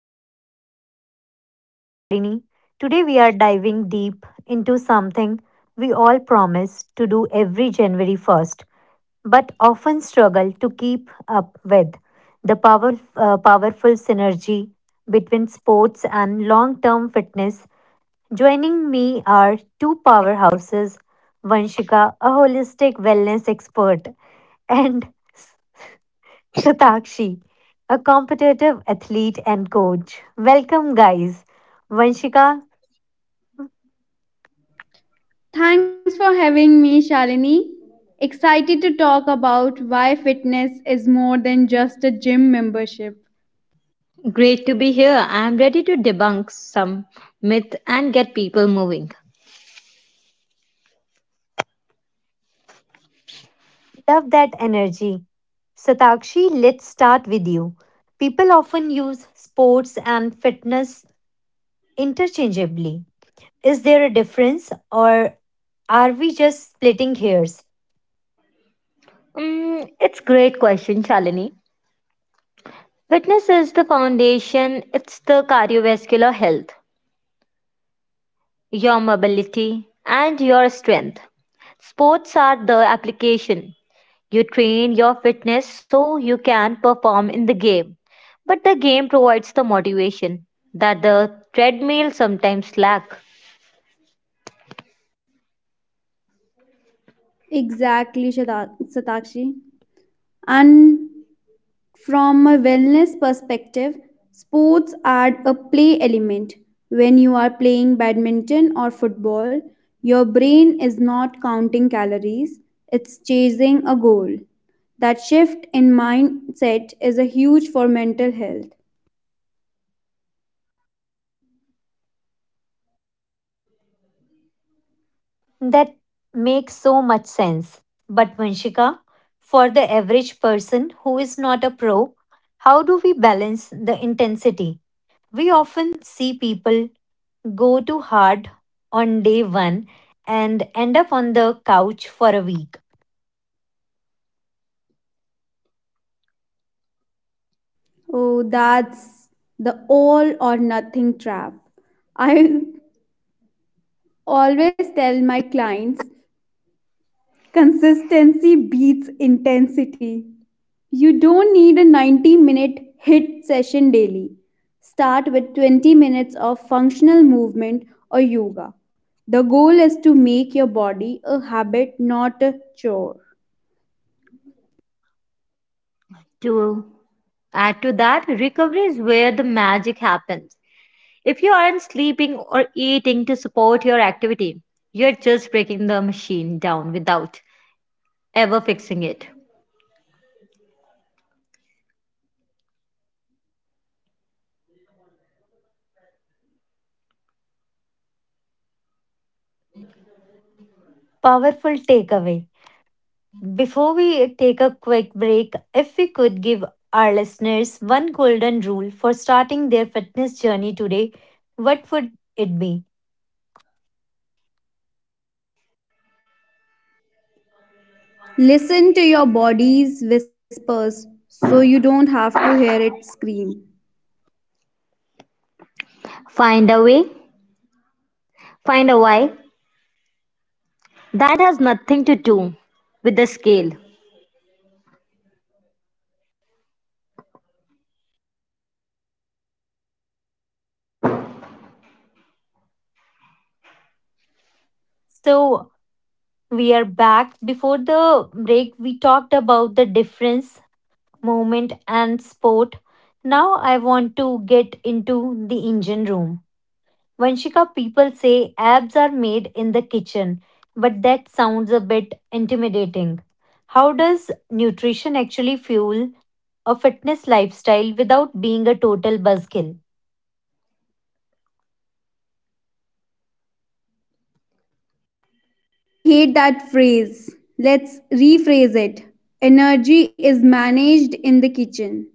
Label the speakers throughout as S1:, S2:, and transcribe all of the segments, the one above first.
S1: Pulse. I'm your host, Shalini. Today, we are diving deep into something we all promise to do every January 1st, but often struggle to keep up with the powerful synergy between sports and long term fitness. Joining me are two powerhouses, Vanshika, a holistic wellness expert, and Satakshi, a competitive athlete and coach. Welcome, guys. Vanshika,
S2: Thanks for having me, Shalini. Excited to talk about why fitness is more than just a gym membership.
S1: love that energy. Satakshi, let's start with you. People often use sports and fitness interchangeably. Is there a difference, or are we just splitting hairs?
S2: Exactly, Satakshi. And from a wellness perspective, sports add a play element. When you are playing badminton or football, your brain is not counting calories, it's chasing a goal. That shift in mindset is a huge for mental health.
S1: That makes so much sense. But, Vanshika, for the average person who is not a pro, how do we balance the intensity? We often see people go too hard on day one and end up on the couch for a week.
S2: Oh, that's the all or nothing trap. I always tell my clients consistency beats intensity. You don't need a 90-minute HIT session daily. Start with 20 minutes of functional movement or yoga. The goal is to make your body a habit, not a chore.
S1: Powerful takeaway. Before we take a quick break, if we could give our listeners one golden rule for starting their fitness journey today, what would it be?
S2: Listen to your body's whispers so you don't have to hear it scream.
S1: So, we are back. Before the break, we talked about the difference, movement, and sport. Now, I want to get into the engine room. Vanshika, people say abs are made in the kitchen, but that sounds a bit intimidating. How does nutrition actually fuel a fitness lifestyle without being a total buzzkill?
S2: I hate that phrase. Let's rephrase it. Energy is managed in the kitchen.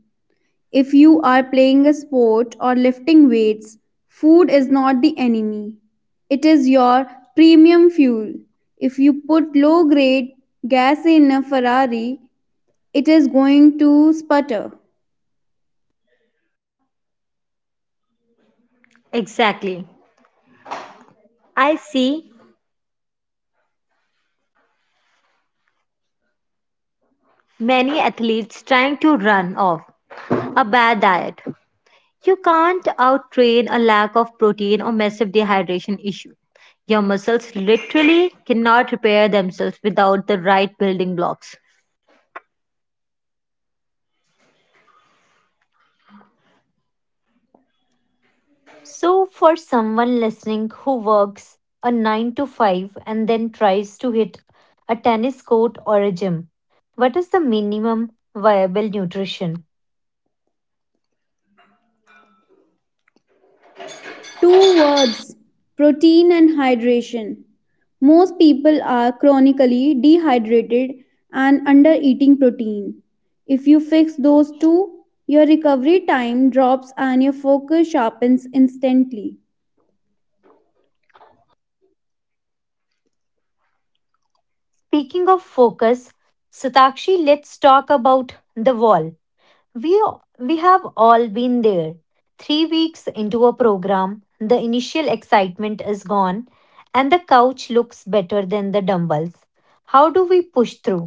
S2: If you are playing a sport or lifting weights, food is not the enemy. It is your premium fuel. If you put low grade gas in a Ferrari, it is going to sputter.
S1: So, for someone listening who works a 9 to 5 and then tries to hit a tennis court or a gym, what is the minimum viable nutrition?
S2: Two words, protein and hydration. Most people are chronically dehydrated and under eating protein. If you fix those two, your recovery time drops and your focus sharpens instantly.
S1: Speaking of focus, Satakshi, let's talk about the wall. We, we have all been there. 3 weeks into a program, the initial excitement is gone, and the couch looks better than the dumbbells. How do we push through?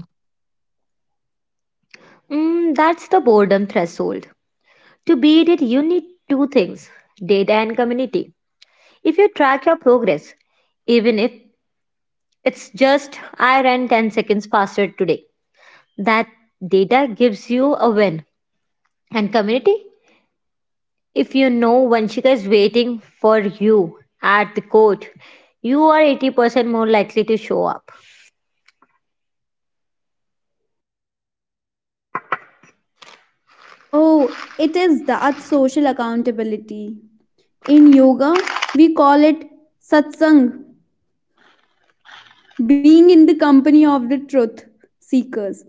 S2: Oh, it is that social accountability. In yoga, we call it satsang, being in the company of the truth seekers.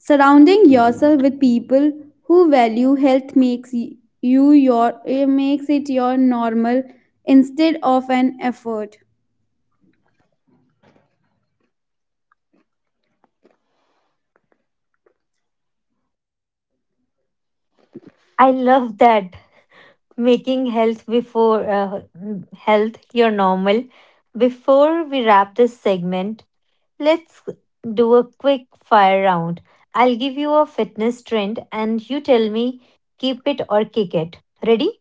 S2: Surrounding yourself with people who value health makes it your normal instead of an effort.
S1: I love that, making health before health your normal. Before we wrap this segment, let's do a quick fire round. I'll give you a fitness trend and you tell me, keep it or kick it. Ready?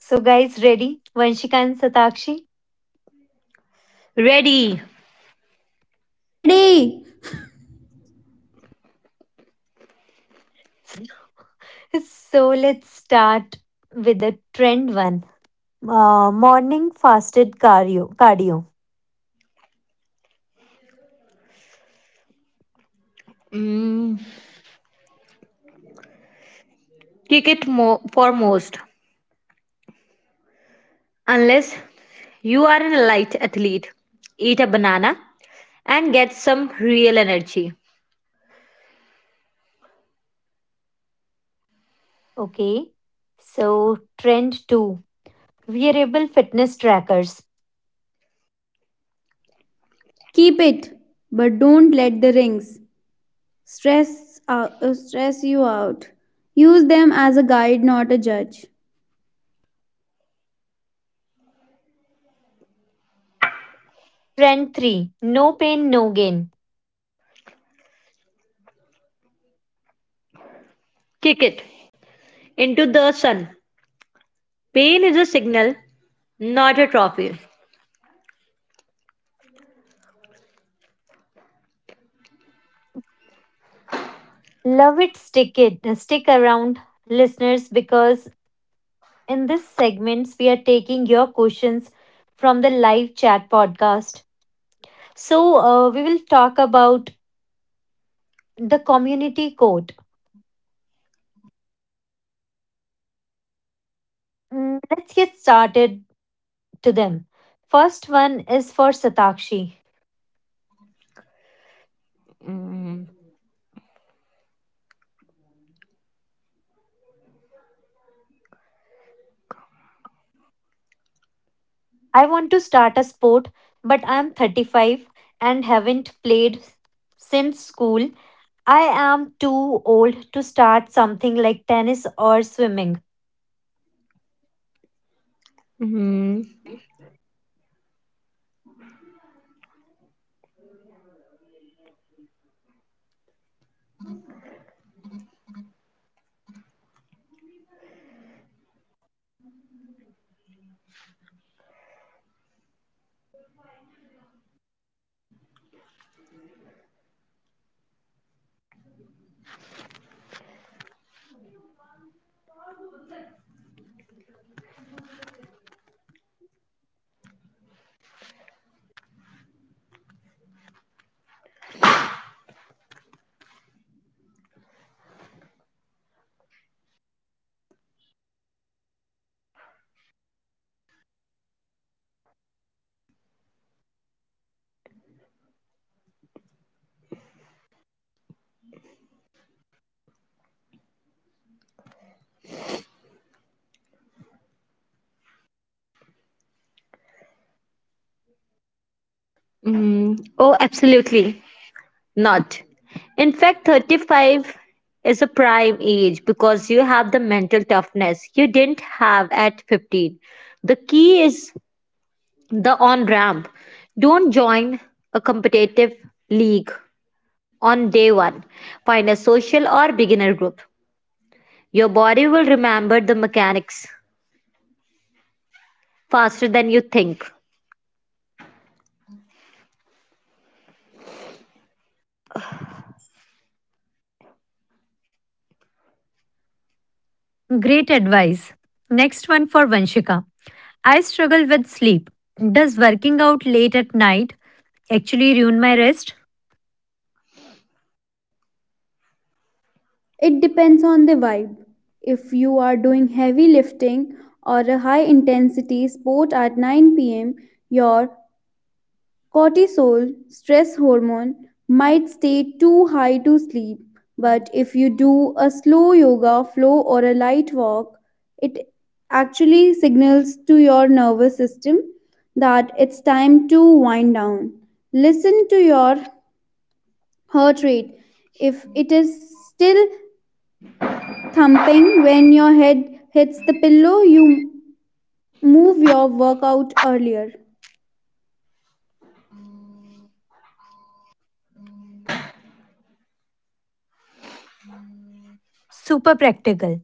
S1: So, guys, ready? Vanshika and Satakshi.
S2: Ready,
S1: So, let's start with the trend one, morning fasted cardio. Cardio. Okay. So, trend two, wearable fitness trackers.
S2: keep it, but don't let the rings stress you out. Use them as a guide, not a judge.
S1: Trend three, no pain, no gain. Love it, stick around, listeners, because in this segments we are taking your questions from the live chat podcast. So, we will talk about the community code. Let's get started to them. First one is for Satakshi. I want to start a sport, but I am 35 and haven't played since school. I am too old to start something like tennis or swimming. Great advice. Next one for Vanshika. I struggle with sleep. Does working out late at night actually ruin my rest?
S2: It depends on the vibe. If you are doing heavy lifting or a high intensity sport at 9 p.m., your cortisol stress hormone might stay too high to sleep. But if you do a slow yoga flow or a light walk, it actually signals to your nervous system that it's time to wind down. Listen to your heart rate. If it is still thumping when your head hits the pillow, you move your workout earlier.
S1: Super practical.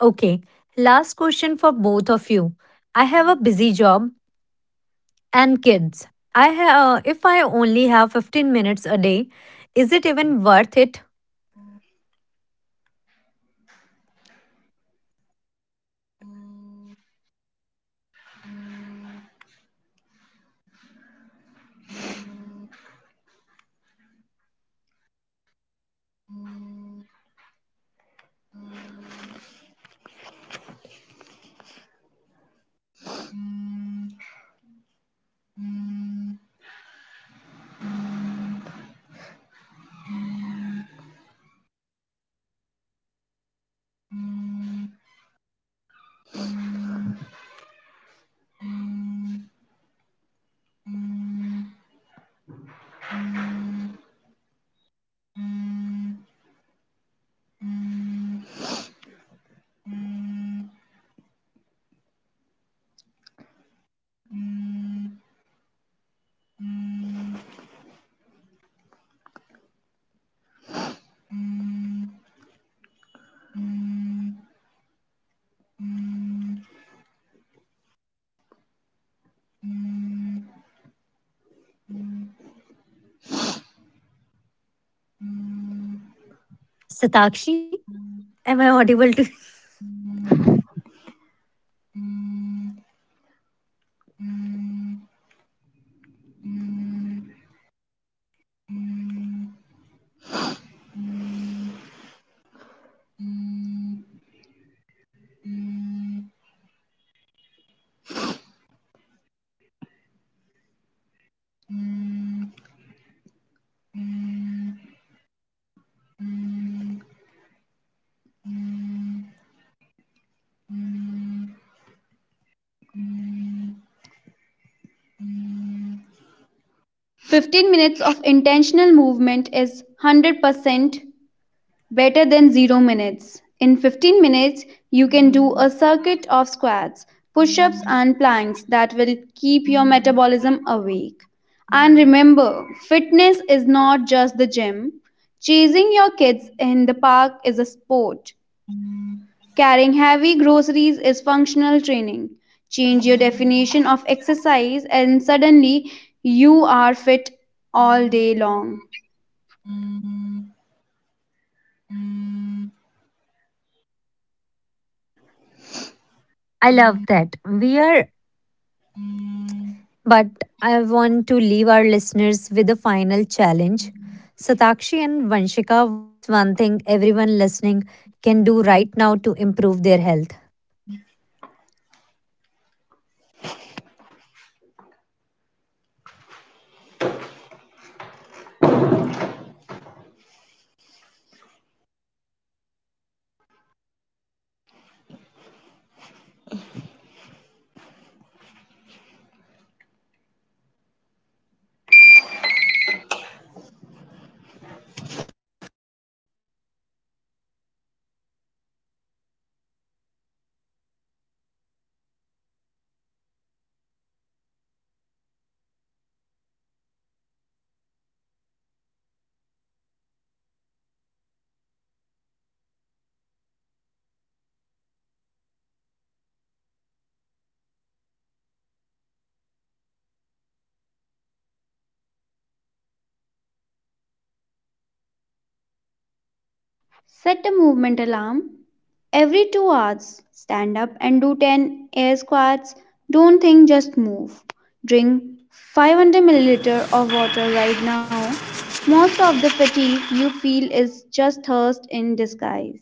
S1: Okay, last question for both of you. I have a busy job and kids. If I only have 15 minutes a day, is it even worth it? Satakshi, am I audible to?
S2: 15 minutes of intentional movement is 100% better than 0 minutes. In 15 minutes you can do a circuit of squats, push-ups and planks that will keep your metabolism awake. And remember, fitness is not just the gym. Chasing your kids in the park is a sport. Carrying heavy groceries is functional training. Change your definition of exercise, and suddenly you are fit all day long.
S1: I love that. We are, but I want to leave our listeners with a final challenge. Satakshi and Vanshika, what's one thing everyone listening can do right now to improve their health?
S2: Set a movement alarm every 2 hours. Stand up and do 10 air squats. Don't think, just move. Drink 500 milliliters of water right now. Most of the fatigue you feel is just thirst in disguise.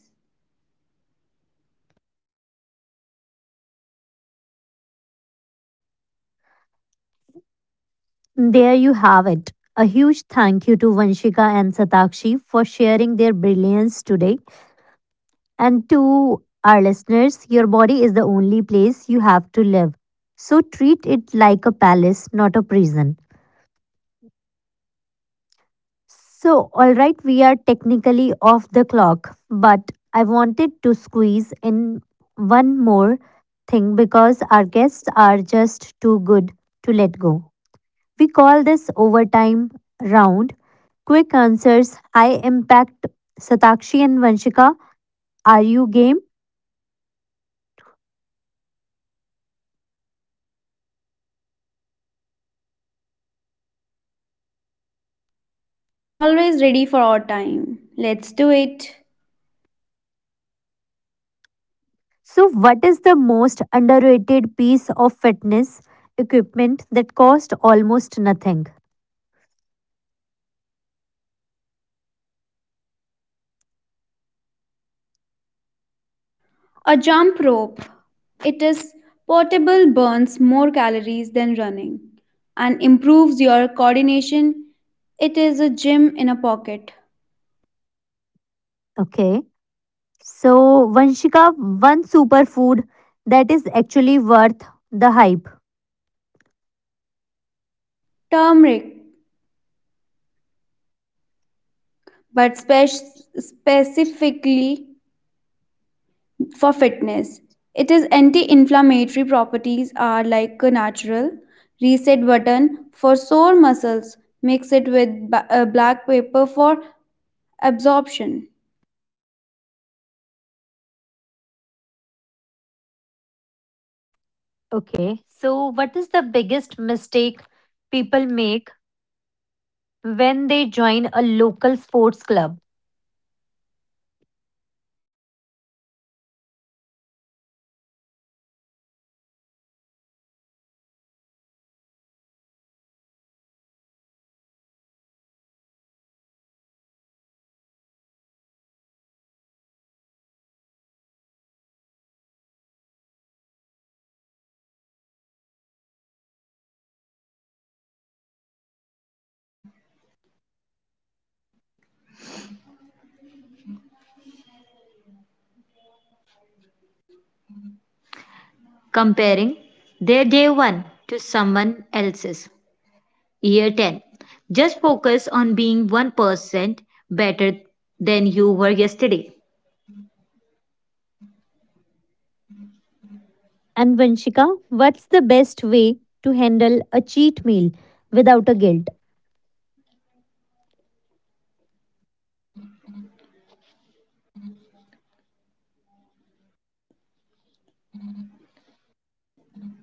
S1: There you have it. A huge thank you to Vanshika and Satakshi for sharing their brilliance today. And to our listeners, your body is the only place you have to live. So treat it like a palace, not a prison. So, alright, we are technically off the clock, but I wanted to squeeze in one more thing because our guests are just too good to let go. We call this overtime round, quick answers, high impact. Satakshi and Vanshika, are you game?
S2: Always ready for our time. Let's do it.
S1: So, what is the most underrated piece of fitness equipment that cost almost nothing?
S2: A jump rope. It is portable, burns more calories than running, and improves your coordination. It is a gym in a pocket.
S1: Okay. So, Vanshika, one superfood that is actually worth the hype.
S2: Turmeric, but specifically for fitness. It is anti-inflammatory properties are like a natural reset button for sore muscles. Mix it with black pepper for absorption.
S1: Okay. So, what is the biggest mistake people make when they join a local sports club? And Vanshika, what's the best way to handle a cheat meal without a guilt?
S2: Shalini, don't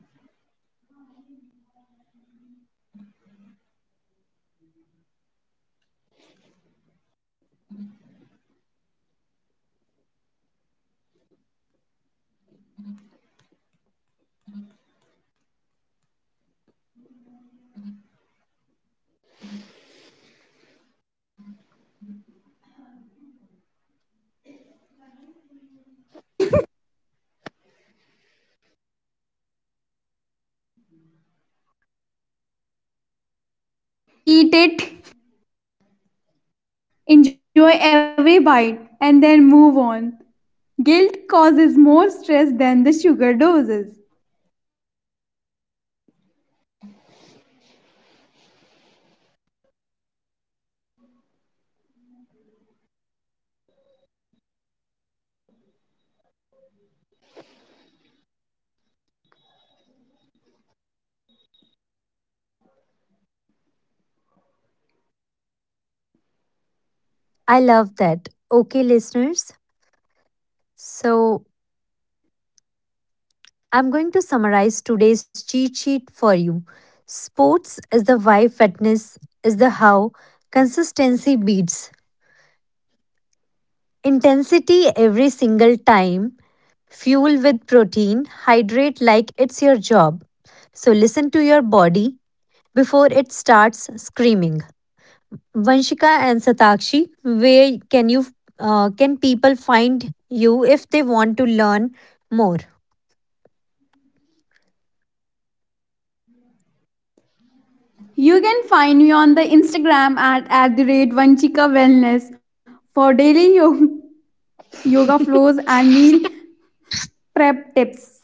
S2: Don't call it a cheat. It's a celebration. Eat, eat it, enjoy every bite, and then move on. Guilt causes more stress than the sugar doses.
S1: I love that. Okay, listeners. So, I'm going to summarize today's cheat sheet for you. Sports is the why, fitness is the how, consistency beats intensity every single time, fuel with protein, hydrate like it's your job. So, listen to your body before it starts screaming. Vanshika and Satakshi, where can you can people find you if they want to learn more?
S2: You can find me on the Instagram @VanchikaWellness for daily yoga flows and meal prep tips.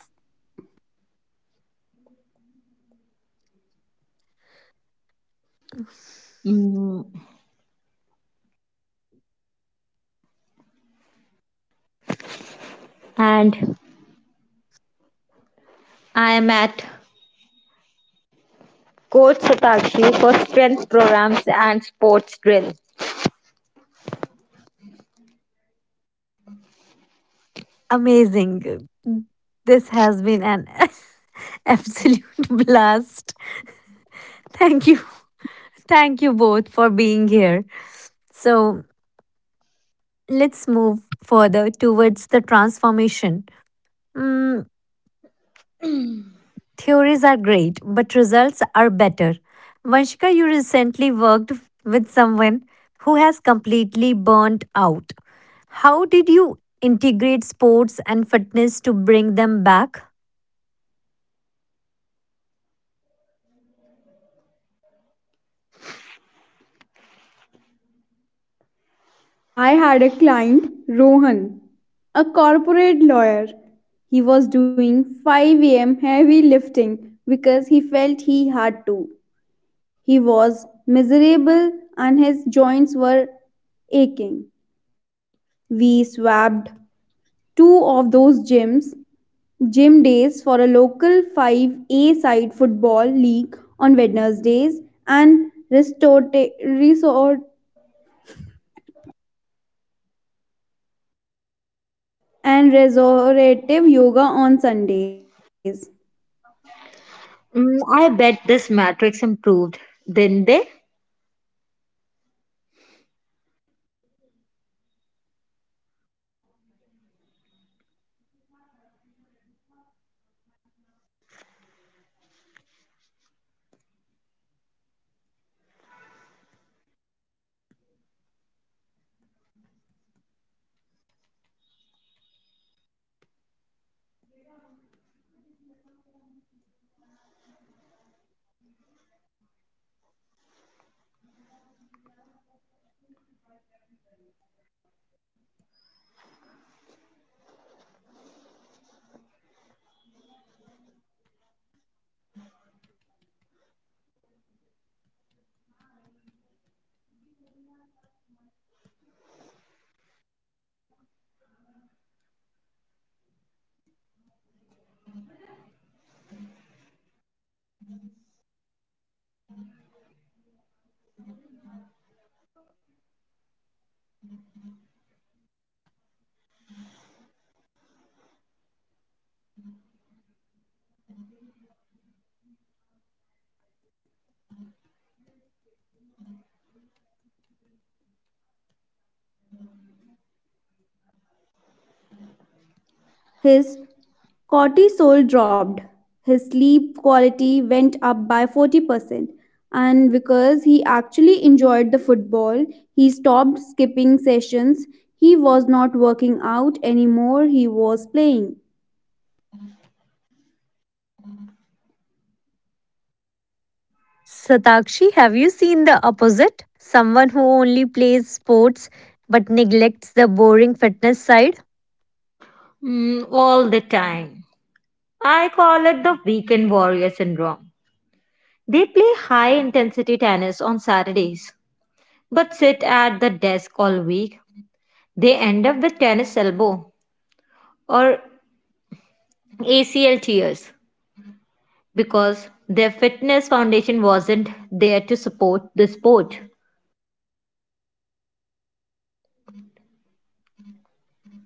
S1: Amazing. This has been an absolute blast. Thank you. Thank you both for being here. So, let's move further towards the transformation. Mm, Theories are great, but results are better. Vanshika, you recently worked with someone who has completely burnt out. How did you integrate sports and fitness to bring them back?
S2: I had a client, Rohan, a corporate lawyer. He was doing 5 a.m. heavy lifting because he felt he had to. He was miserable and his joints were aching. We swapped two of those gym days for a local 5-a-side football league on Wednesdays and resort and restorative yoga on Sundays. Dramatically, his cortisol dropped. His sleep quality went up by 40%. And because he actually enjoyed the football, he stopped skipping sessions. He was not working out anymore, he was playing.
S1: Satakshi, have you seen the opposite? Someone who only plays sports but neglects the boring fitness side?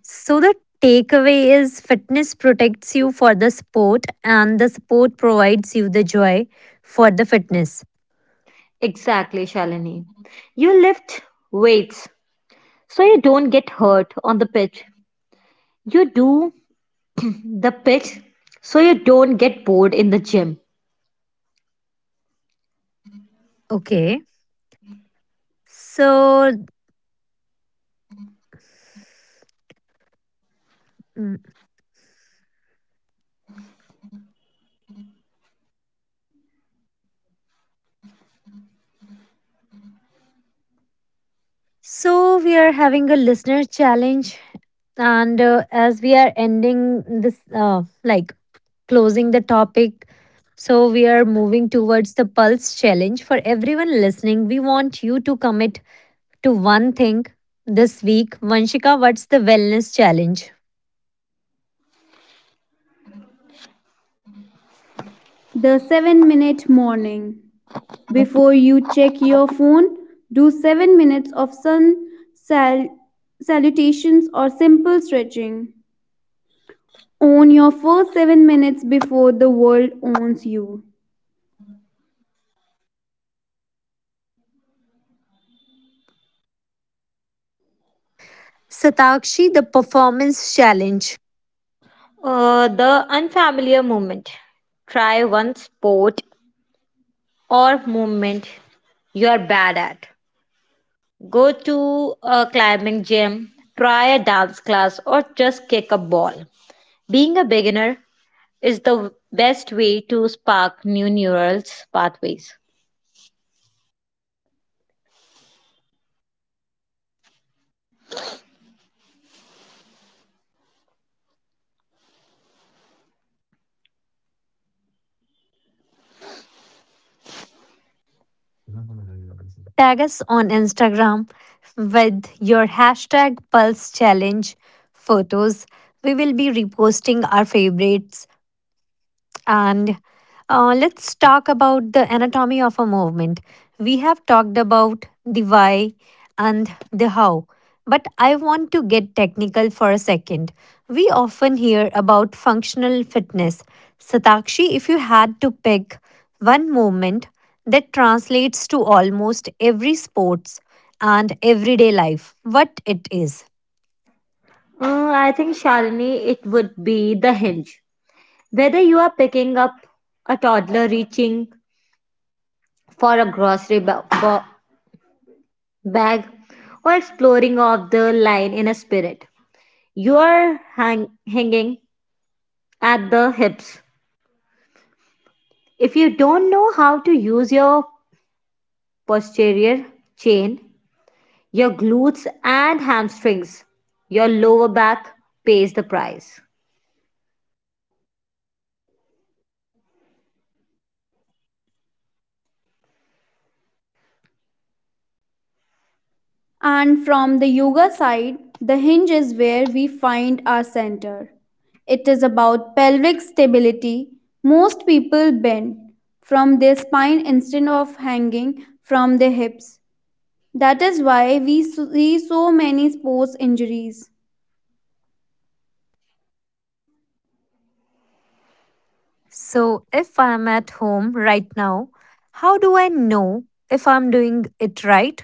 S1: So, the takeaway is fitness protects you for the sport, and the sport provides you the joy for the fitness. Okay. So, mm, so we are having a listener challenge, and as we are ending this, like closing the topic. So, we are moving towards the Pulse Challenge. For everyone listening, we want you to commit to one thing this week. Vanshika, what's the Wellness Challenge?
S2: The 7-minute morning. Before you check your phone, do 7 minutes of sun sal- salutations or simple stretching. Own your first 7 minutes before the world owns you.
S1: Satakshi, the performance challenge. Tag us on Instagram with your hashtag Pulse Challenge photos. We will be reposting our favorites. And let's talk about the anatomy of a movement. We have talked about the why and the how, but I want to get technical for a second. We often hear about functional fitness. Satakshi, if you had to pick one movement that translates to almost every sports and everyday life, what it is?
S2: And from the yoga side, the hinge is where we find our center. It is about pelvic stability. Most people bend from their spine instead of hanging from their hips. That is why we see so many sports injuries.
S1: So, if I'm at home right now, how do I know if I'm doing it right?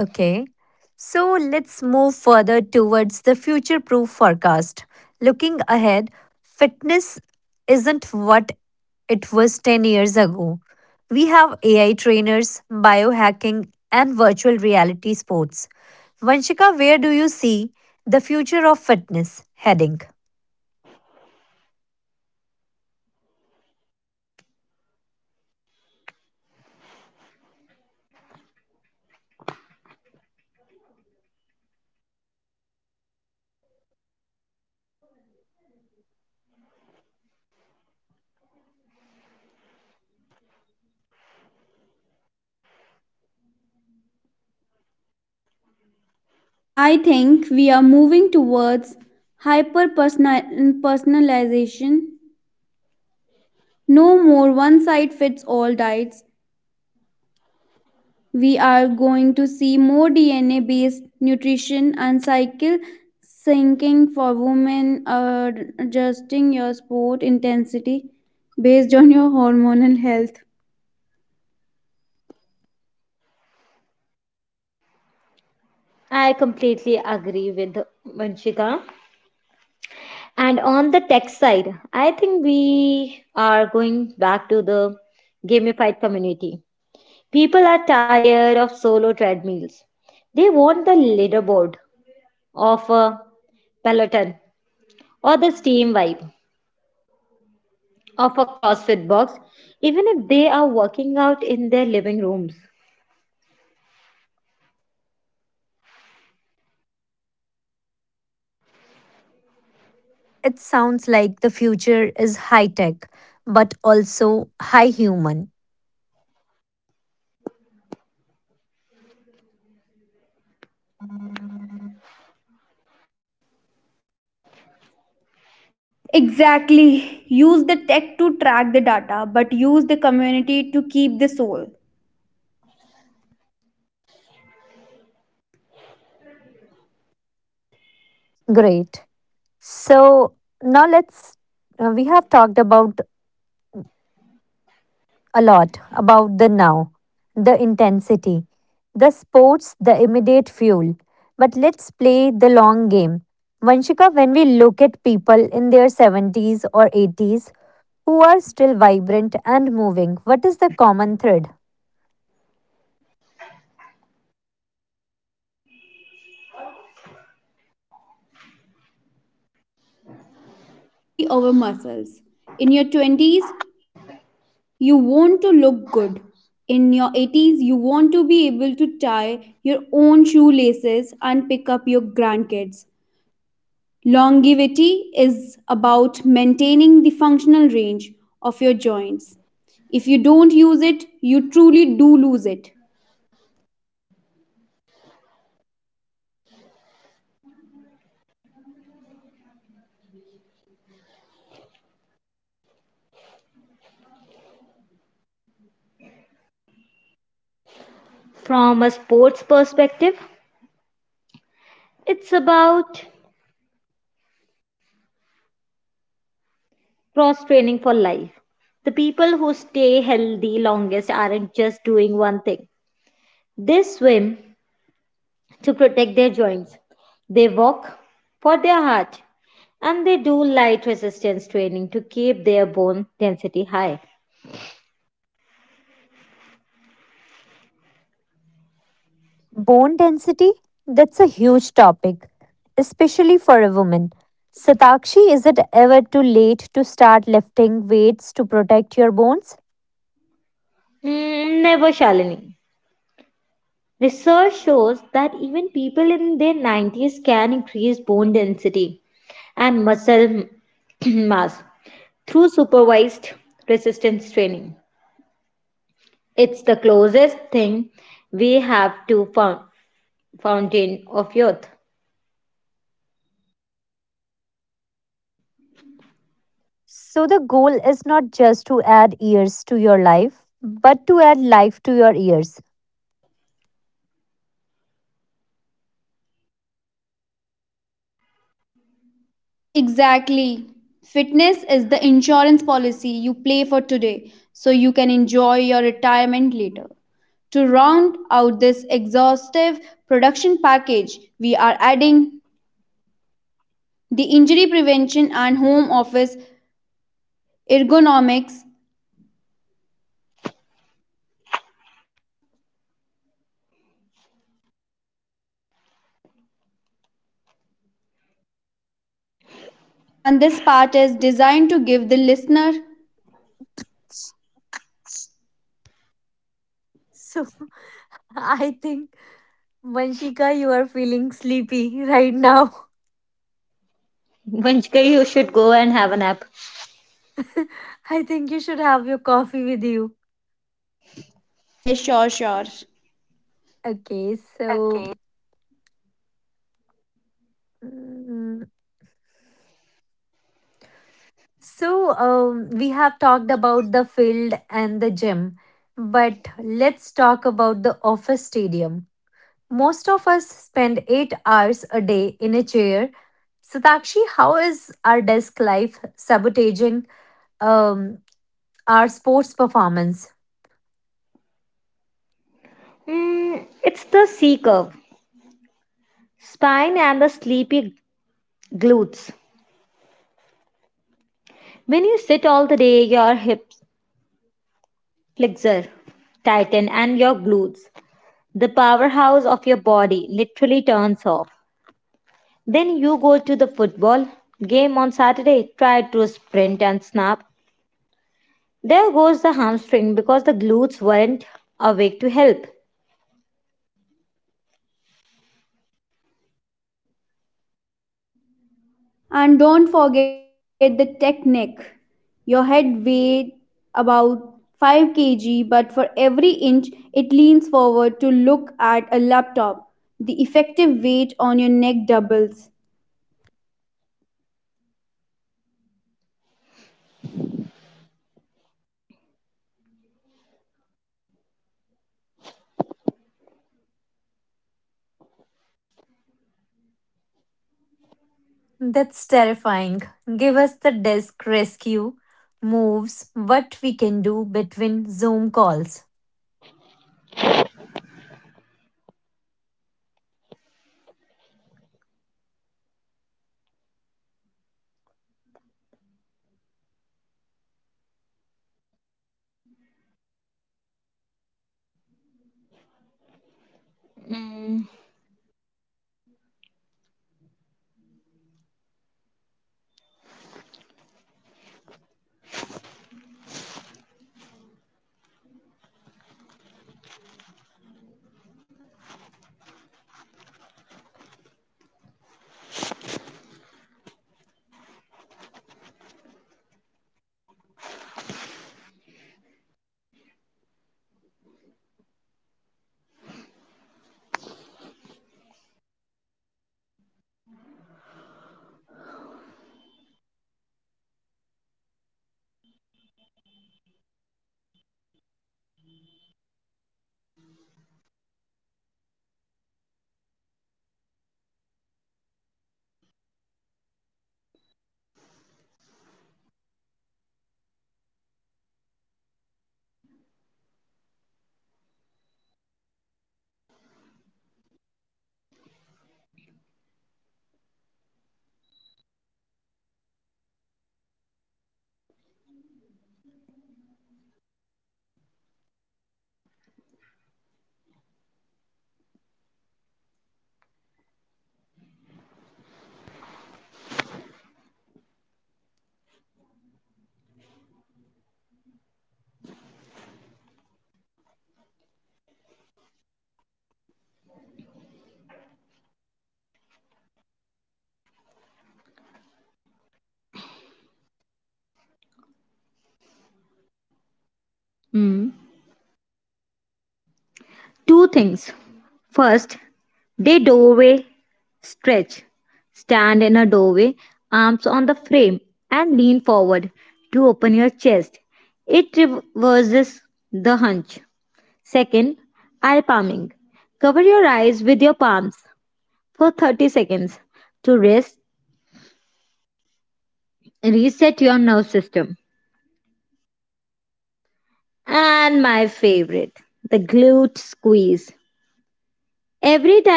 S1: Okay. So, let's move further towards the future proof forecast. Looking ahead, fitness isn't what it was 10 years ago. We have AI trainers, biohacking, and virtual reality sports. Vanshika, where do you see the future of fitness heading?
S2: I think we are moving towards hyper personalization. No more one size fits all diets. We are going to see more DNA based nutrition and cycle syncing for women, adjusting your sport intensity based on your hormonal health.
S1: It sounds like the future is high tech, but also high human.
S2: Exactly. Use the tech to track the data, but use the community to keep the soul.
S1: Great. So now let's we have talked about a lot about the now, the intensity, the sports, the immediate fuel. But let's play the long game. Vanshika, when we look at people in their 70s or 80s who are still vibrant and moving, what is the common thread?
S2: Shalini, it is the mobility over muscles. In your 20s, you want to look good. In your 80s, you want to be able to tie your own shoelaces and pick up your grandkids. Longevity is about maintaining the functional range of your joints. If you don't use it, you truly do lose it.
S1: Bone density? That's a huge topic, especially for a woman. Satakshi, is it ever too late to start lifting weights to protect your bones? So, the goal is not just to add years to your life, but to add life to your ears.
S2: Exactly. Fitness is the insurance policy you play for today so you can enjoy your retirement later. To round out this exhaustive production package, we are adding the injury prevention and home office ergonomics, and this part is designed to give the listener,
S1: So, I think, Vanshika, you are feeling sleepy right now. I think you should have your coffee with you.
S2: yeah, sure, sure.
S1: Okay, so. mm, So, we have talked about the field and the gym, but let's talk about the office stadium. Most of us spend 8 hours a day in a chair. Satakshi, how is our desk life sabotaging um, our sports performance?
S2: And don't forget the technique. Your head weighed about 5 kg, but for every inch it leans forward to look at laptop, the effective weight on your neck doubles.
S1: That's terrifying. Give us the desk rescue moves, what we can do between Zoom calls.
S2: Two things two things First, the doorway stretch. Stand in a doorway, arms on the frame, and lean forward to open your chest. It reverses the hunch. Second, eye palming. Cover your eyes with your palms for 30 seconds to reset your nervous system.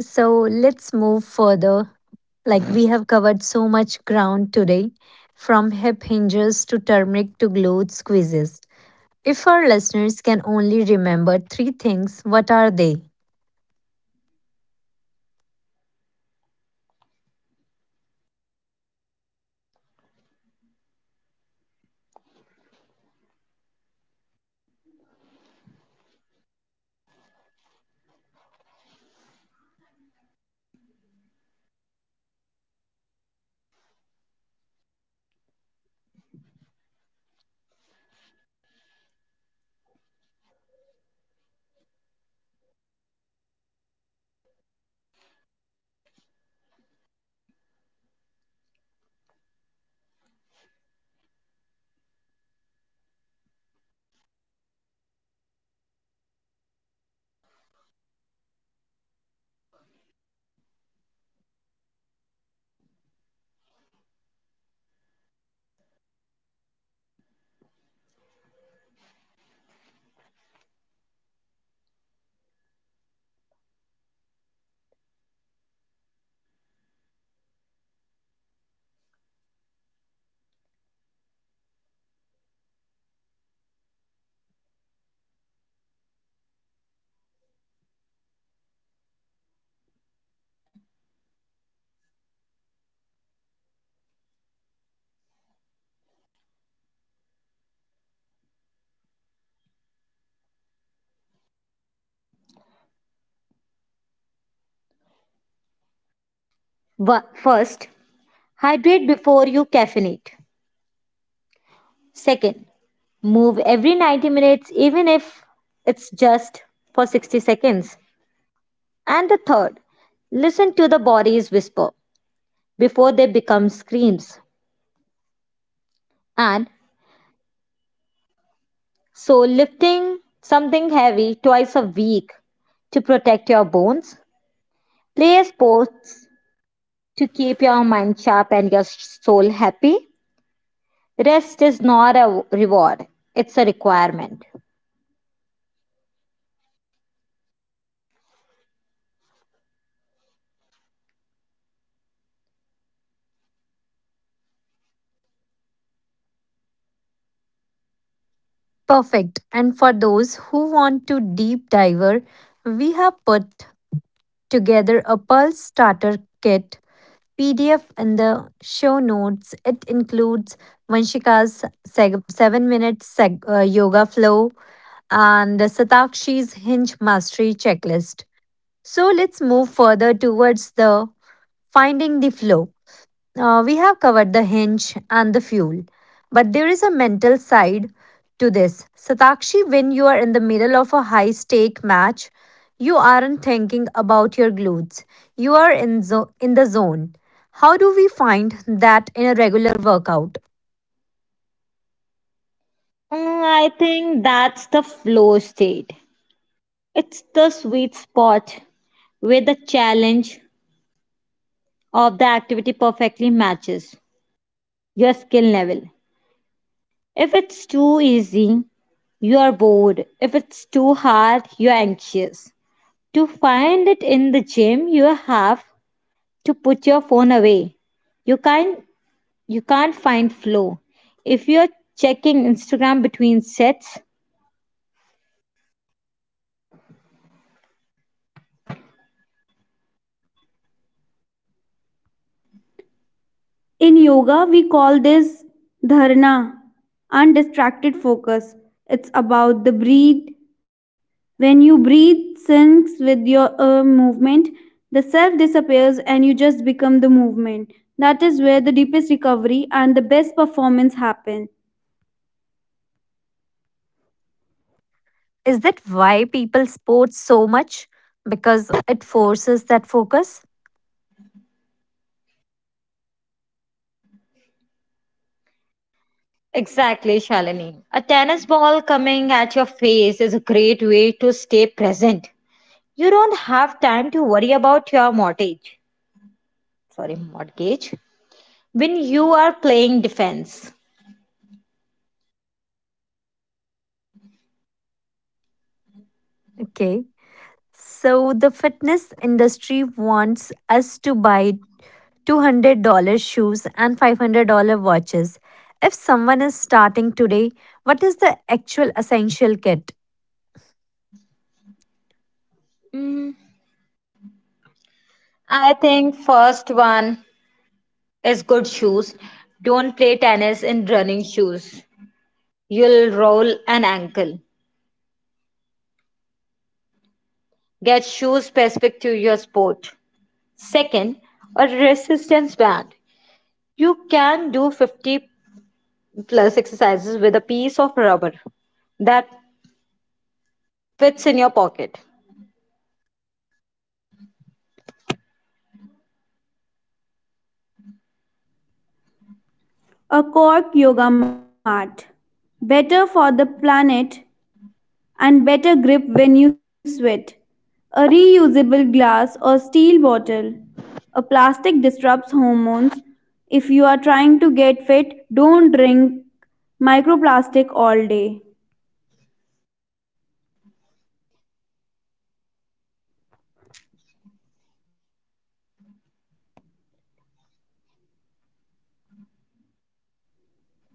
S1: So let's move further. Like we have covered so much ground today, from hip hinges to turmeric to glute squeezes. If our listeners can only remember three things, what are they?
S2: Hydrate before you caffeinate. Move every 90 minutes, even if it is just for 60 seconds. Listen to the body's whisper before they become screams.
S1: Perfect. And for those who want to deep diver, we have put together a pulse starter kit PDF in the show notes. It includes Vanshika's yoga flow, and Satakshi's Hinge Mastery Checklist. So let's move further towards the finding the flow. We have covered the hinge and the fuel, but there is a mental side to this. Satakshi, when you are in the middle of a high stake match, you aren't thinking about your glutes. You are in the zone. How do we find that in a regular workout?
S2: In yoga, we call this dharana, undistracted focus. It's about the breath. When you breathe syncs with your movement, the self disappears and you just become the movement. That is where the deepest recovery and the best performance happen.
S1: Is that why people sport so much? Because it forces that focus? Okay. So the fitness industry wants us to buy $200 shoes and $500 watches. If someone is starting today, what is the actual essential kit?
S2: A cork yoga mat. Better for the planet and better grip when you sweat. A reusable glass or steel bottle. A plastic disrupts hormones. If you are trying to get fit, don't drink microplastic all day.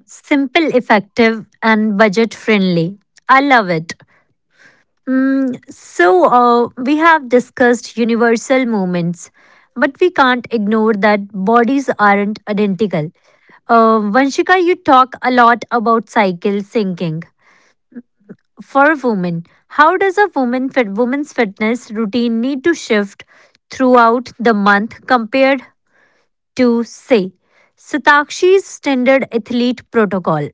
S1: Simple, effective, and budget friendly. I love it. So, we have discussed universal movements, but we can't ignore that bodies aren't identical. Vanshika, you talk a lot about cycle syncing. For women, how does a woman's fitness routine need to shift throughout the month compared to, say, Satakshi's standard athlete protocol?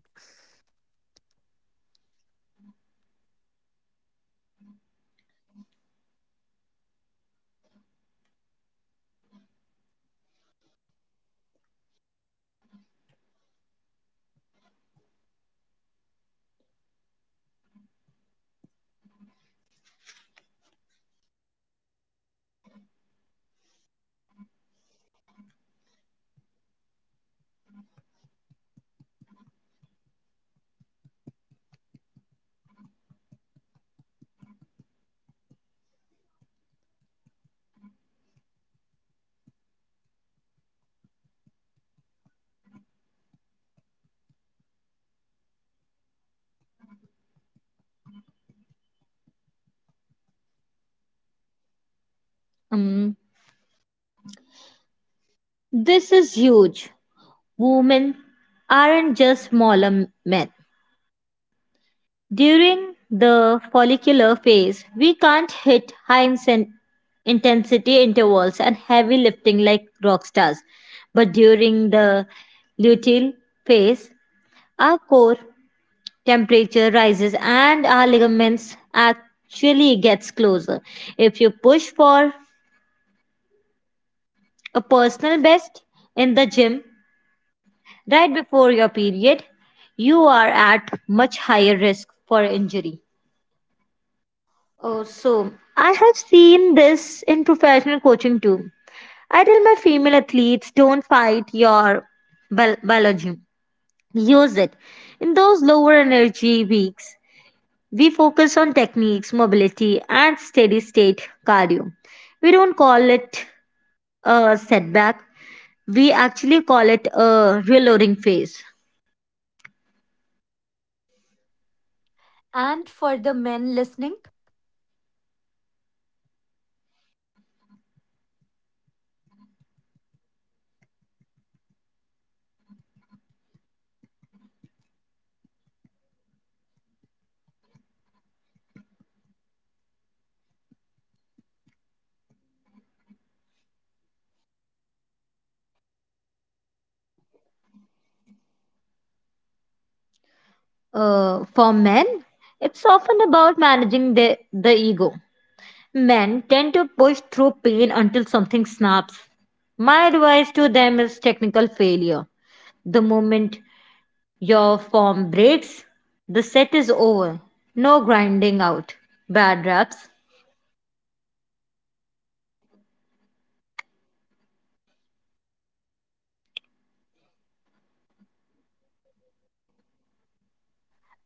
S1: And for the men listening,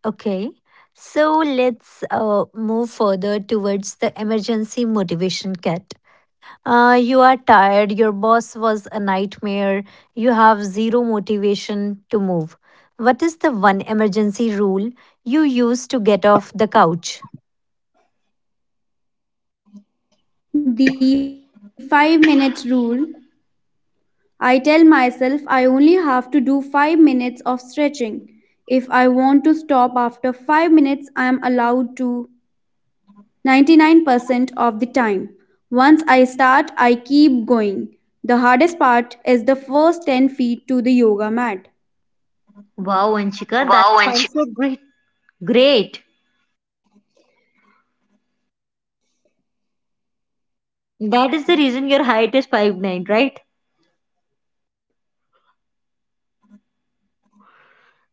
S1: okay. So let's move further towards the emergency motivation kit. You are tired, your boss was a nightmare, you have zero motivation to move. What is the one emergency rule you use to get off the couch?
S2: The 5 minute rule. I tell myself I only have to do 5 minutes of stretching. If I want to stop after 5 minutes, I am allowed to 99% of the time. Once I start, I keep going. The hardest part is the first 10 feet to the yoga mat. Wow. and she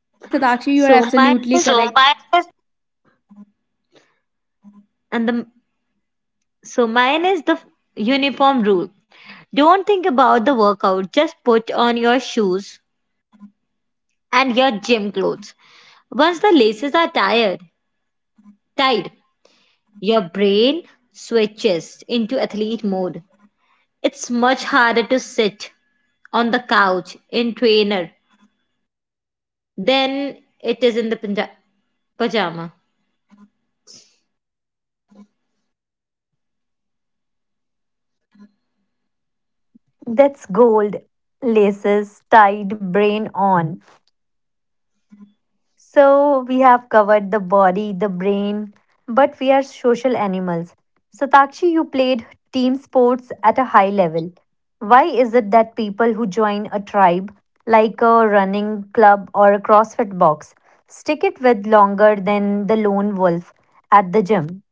S2: Yes, Satakshi, you are absolutely so correct. My
S1: That's gold. Laces tied, brain on. So, we have covered the body, the brain, but we are social animals. Satakshi, you played team sports at a high level. Why is it that people who join a tribe, like a running club or a CrossFit box, stick it with longer than the lone wolf at the gym?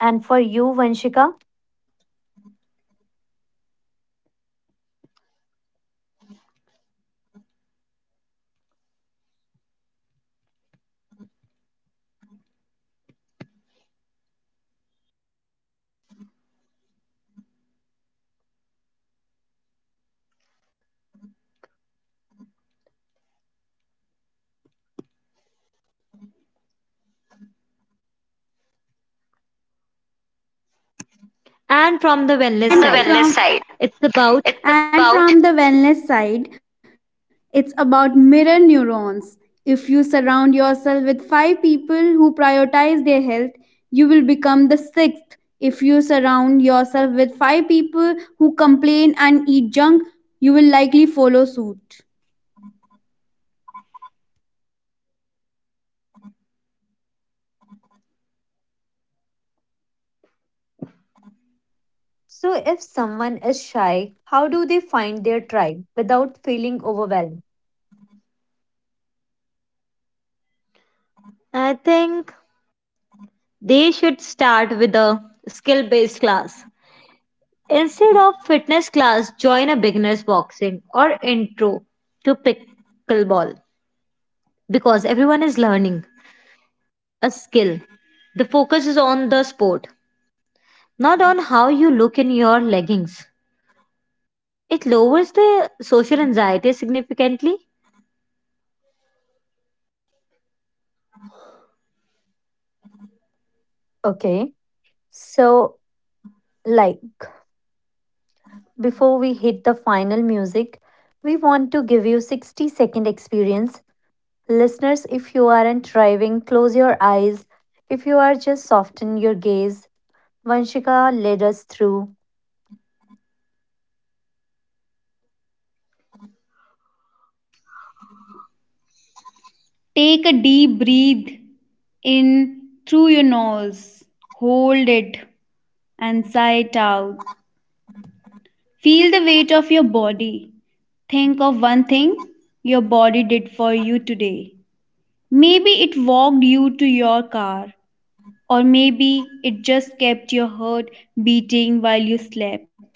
S1: And for you, Vanshika?
S2: And And from- And from the wellness side, it's about mirror neurons. If you surround yourself with five people who prioritize their health, you will become the sixth. If you surround yourself with five people who complain and eat junk, will likely follow suit.
S1: So, if someone is shy, how do they find their tribe without feeling overwhelmed? Okay, so like before we hit the final music, we want to give you 60-second experience. Listeners, if you aren't driving, close your eyes. If you are just soften your gaze. Vanshika led us through.
S2: Take a deep breath in through your nose, hold it, and sigh it out. Feel the weight of your body. Think of one thing your body did for you today. Maybe it walked you to your car, or maybe it just kept your heart beating while you slept.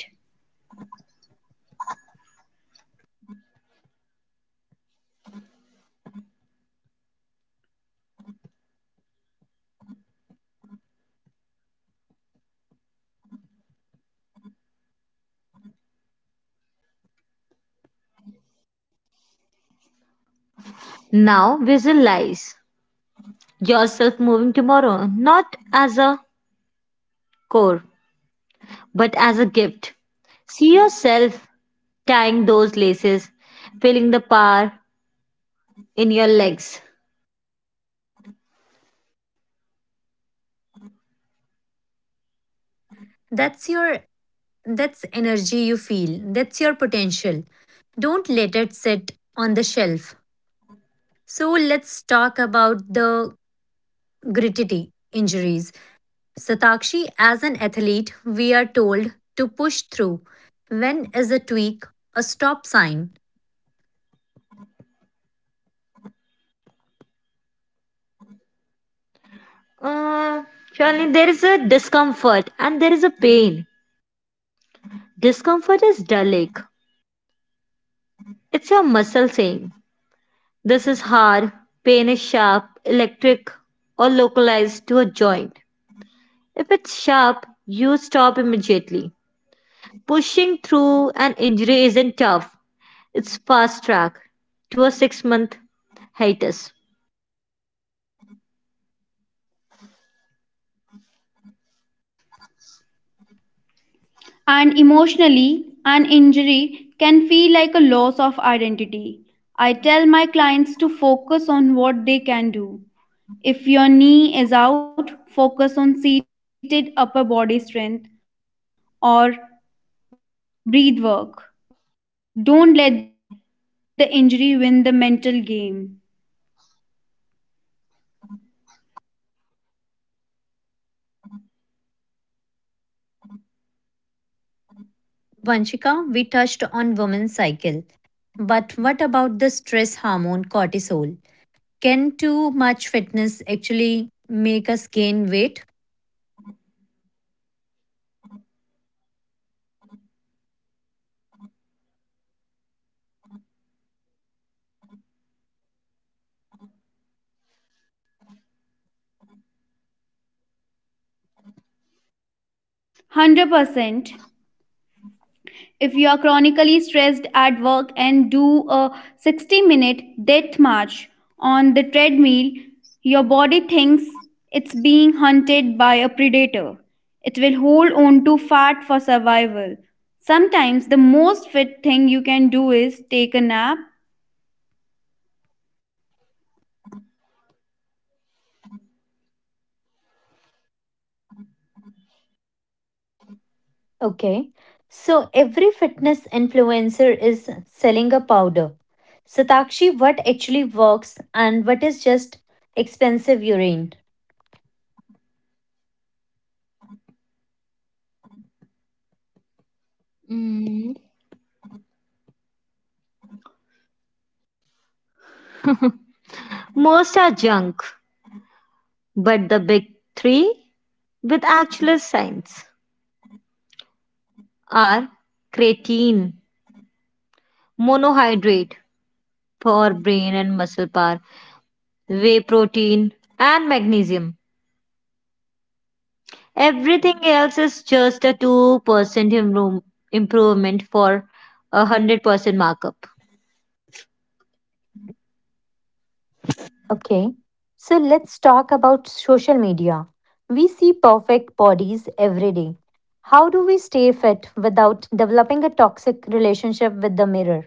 S1: That's your that's energy you feel. That's your potential. Don't let it sit on the shelf. So let's talk about the gritty injuries. Satakshi, as an athlete, we are told to push through. When is a tweak a stop sign?
S2: And emotionally, an injury can feel like a loss of identity. I tell my clients to focus on what they can do. If your knee is out, focus on seated upper body strength or breathe work. Don't let the injury win the mental game.
S1: Vanshika, we touched on women's cycle. But what about the stress hormone cortisol? Can too much fitness actually make us gain weight?
S2: 100%. If you are chronically stressed at work and do a 60-minute death march on the treadmill, your body thinks it's being hunted by a predator. It will hold on to fat for survival. Sometimes the most fit thing you can do is take a nap.
S1: Okay. So every fitness influencer is selling a powder. Satakshi, what actually works and what is just expensive urine? Okay, so let's talk about social media. We see perfect bodies every day. How do we stay fit without developing a toxic relationship with the mirror?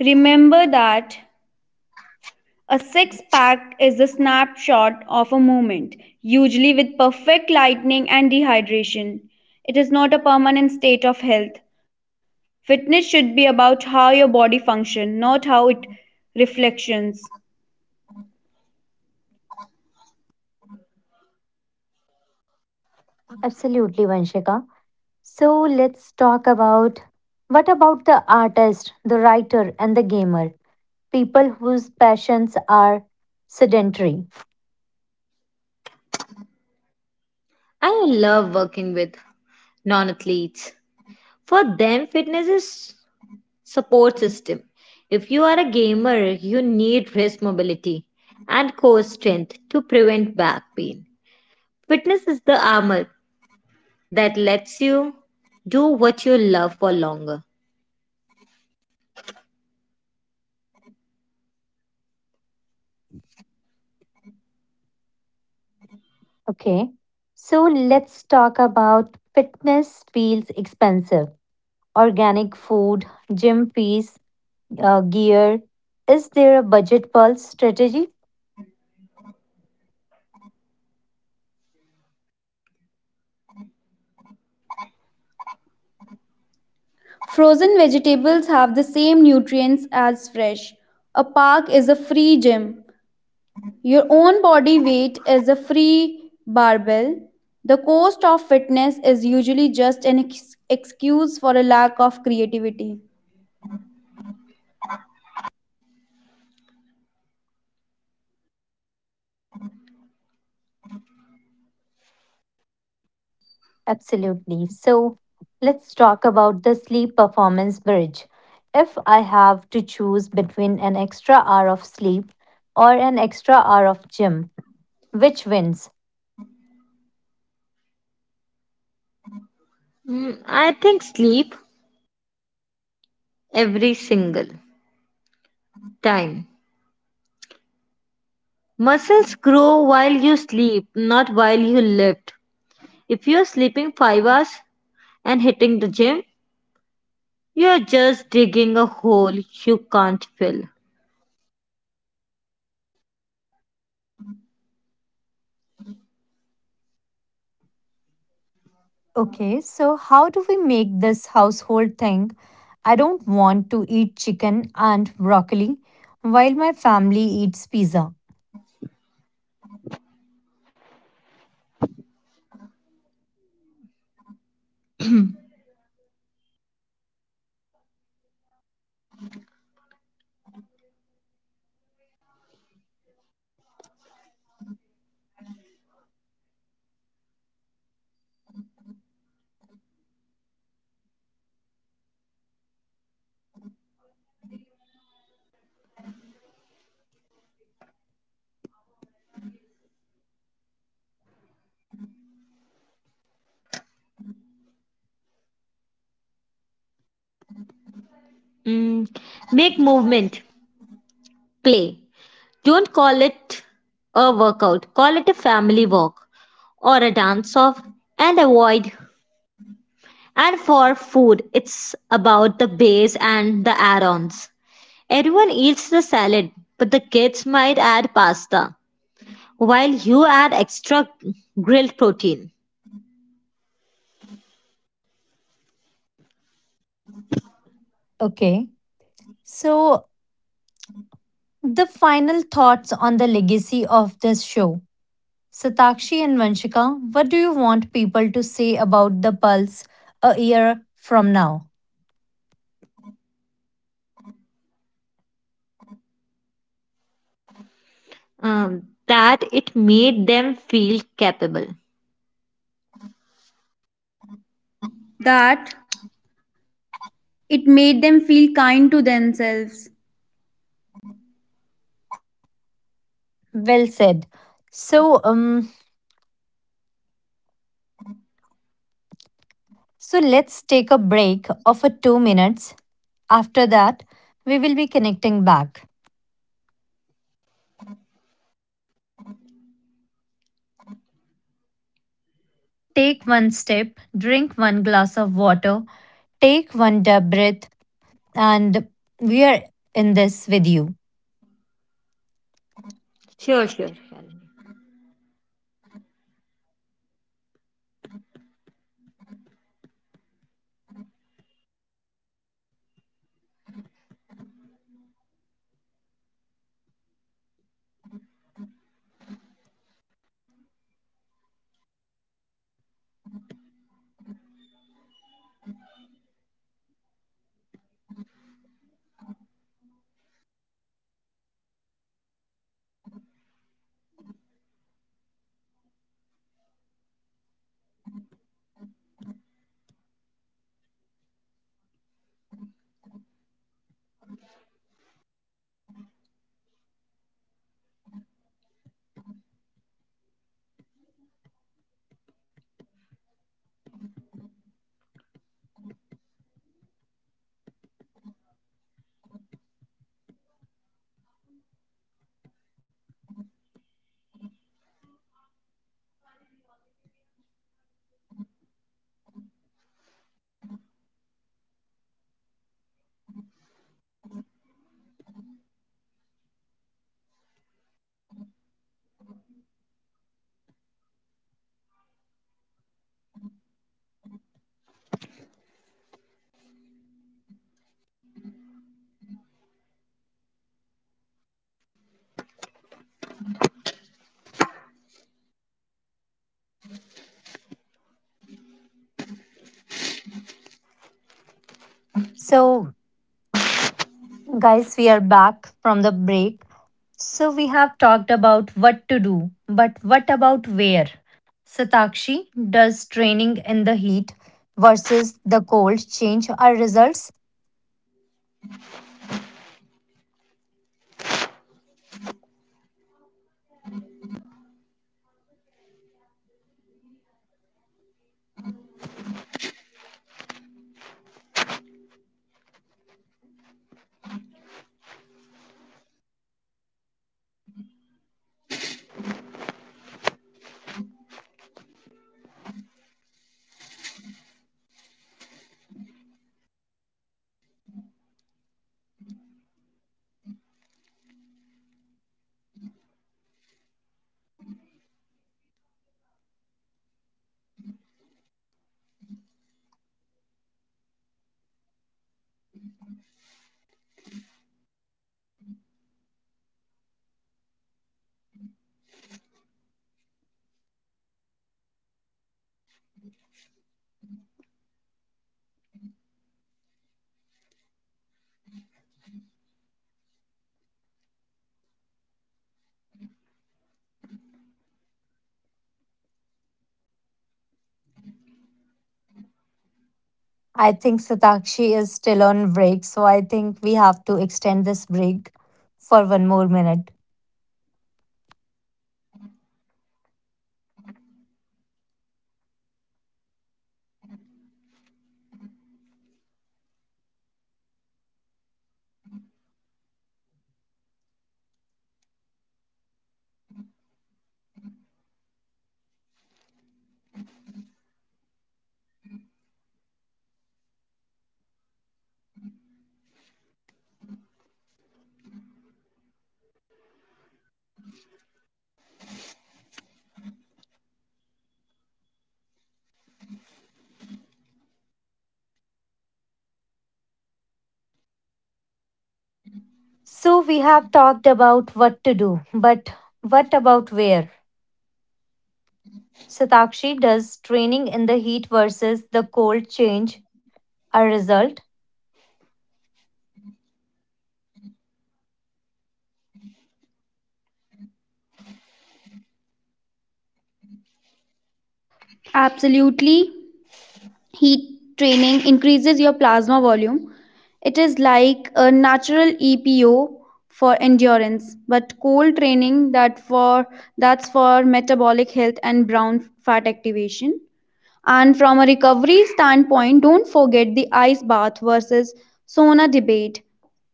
S2: Remember that. A six pack is a snapshot of a moment, usually with perfect lighting and dehydration. It is not a permanent state of health. Fitness should be about how your body functions, not how it reflections.
S1: Absolutely, Vanshika. So let's talk about what about the artist, the writer, and the gamer? People whose passions are sedentary. Okay, so let's talk about fitness feels expensive. Organic food, gym fees, gear. Is there a budget pulse strategy?
S2: Frozen vegetables have the same nutrients as fresh. A park is a free gym. Your own body weight is a free barbell. The cost of fitness is usually just an excuse for a lack of creativity.
S1: Absolutely. So let's talk about the sleep performance bridge. If I have to choose between an extra hour of sleep or an extra hour of gym, which wins? Okay, so how do we make this household thing? I don't want to eat chicken and broccoli while my family eats pizza. Okay, so the final thoughts on the legacy of this show. Satakshi and Vanshika, what do you want people to say about the Pulse a year from now?
S2: That it made them feel kind to themselves.
S1: Well said. So, let's take a break of a 2 minutes. After that, we will be connecting back. Take one step, drink one glass of water, take one deep breath, and we are in this with you. So, guys, we are back from the break. So we have talked about what to do, but what about where? Satakshi, does training in the heat versus the cold change our results? I think Satakshi is still on break, so I think we have to extend this break for one more minute. So we have talked about what to do, but what about where? Satakshi, does training in the heat versus the cold change our result?
S2: Absolutely. Heat training increases your plasma volume. It is like a natural EPO for endurance, but cold training, that's for metabolic and brown fat activation. And from a recovery standpoint, don't forget the ice bath versus sauna debate.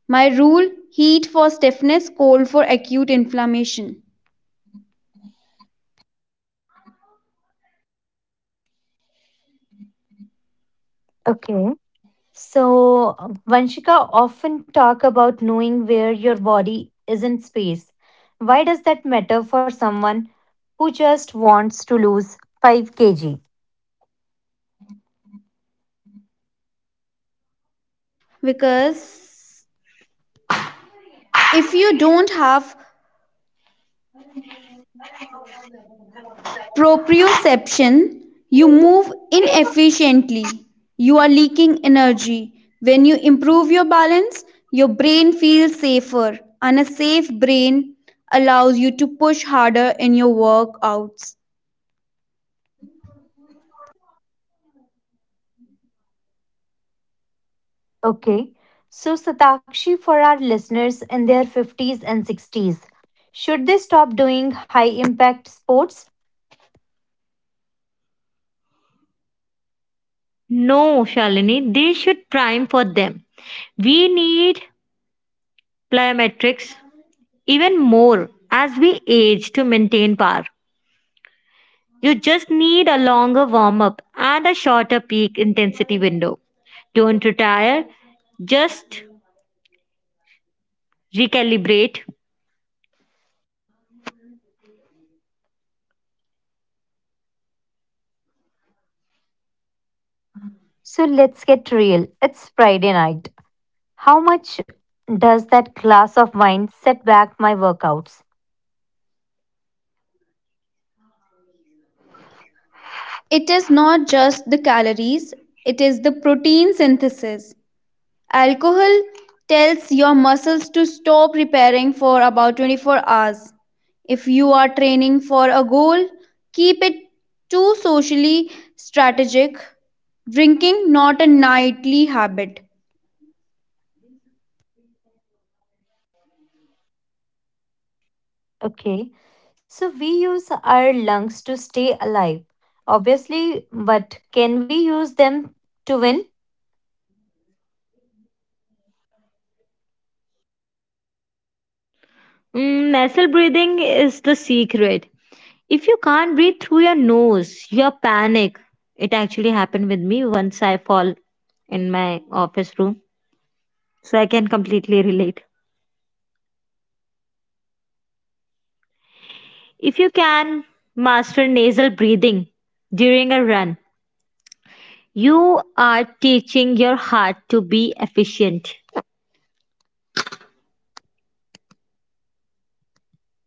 S2: My rule, heat for stiffness, cold for acute inflammation.
S1: Okay. So, Vanshika often talk about knowing where your body is in space. Why does that matter for someone who just wants to lose 5 kg?
S2: Because if you don't have proprioception, you move inefficiently. You are leaking energy. When you improve your balance, your brain feels safer, and a safe brain allows you to push harder in your workouts.
S1: Okay. So, Satakshi, for our listeners in their 50s and 60s, should they stop doing high impact sports? So, let's get real. It's Friday night. How much does that glass of wine set back my workouts?
S2: It is not just the calories, it is the protein synthesis. Alcohol tells your muscles to stop repairing for about 24 hours. If you are training for a goal, keep it too socially strategic. Drinking not a nightly habit.
S1: Okay, so we use our lungs to stay alive, obviously, but can we use them to win?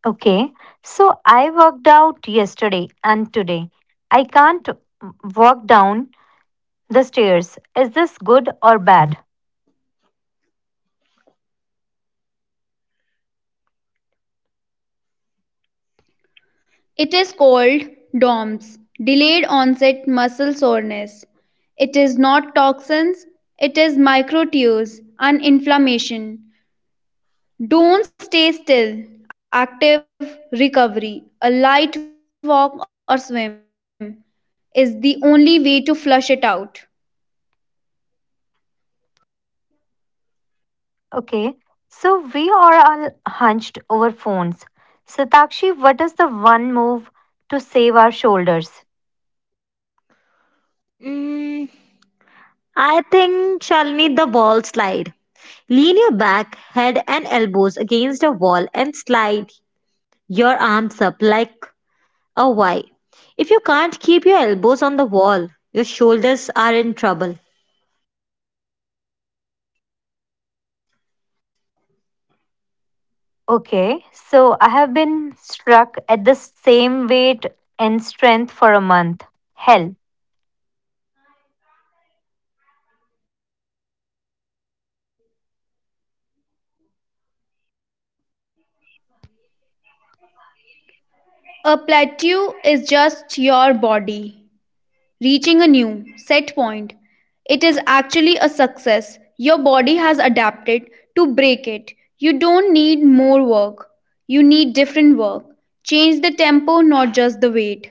S1: Okay, so I worked out yesterday and today. I can't walk down the stairs. Is this good or bad?
S2: It is called DOMS, delayed onset muscle soreness. It is not toxins, it is micro tears and inflammation. Don't stay still. Active recovery, a light walk or swim, is the only way to flush it out.
S1: Okay, so we are all hunched over phones. Satakshi, what is the one move to save our shoulders? Okay, so I have been struck at the same weight and strength for a month. Hell,
S2: A plateau is just your body reaching a new set point. It is actually a success. Your body has adapted to break it. You don't need more work, you need different work. Change the tempo, not just the weight.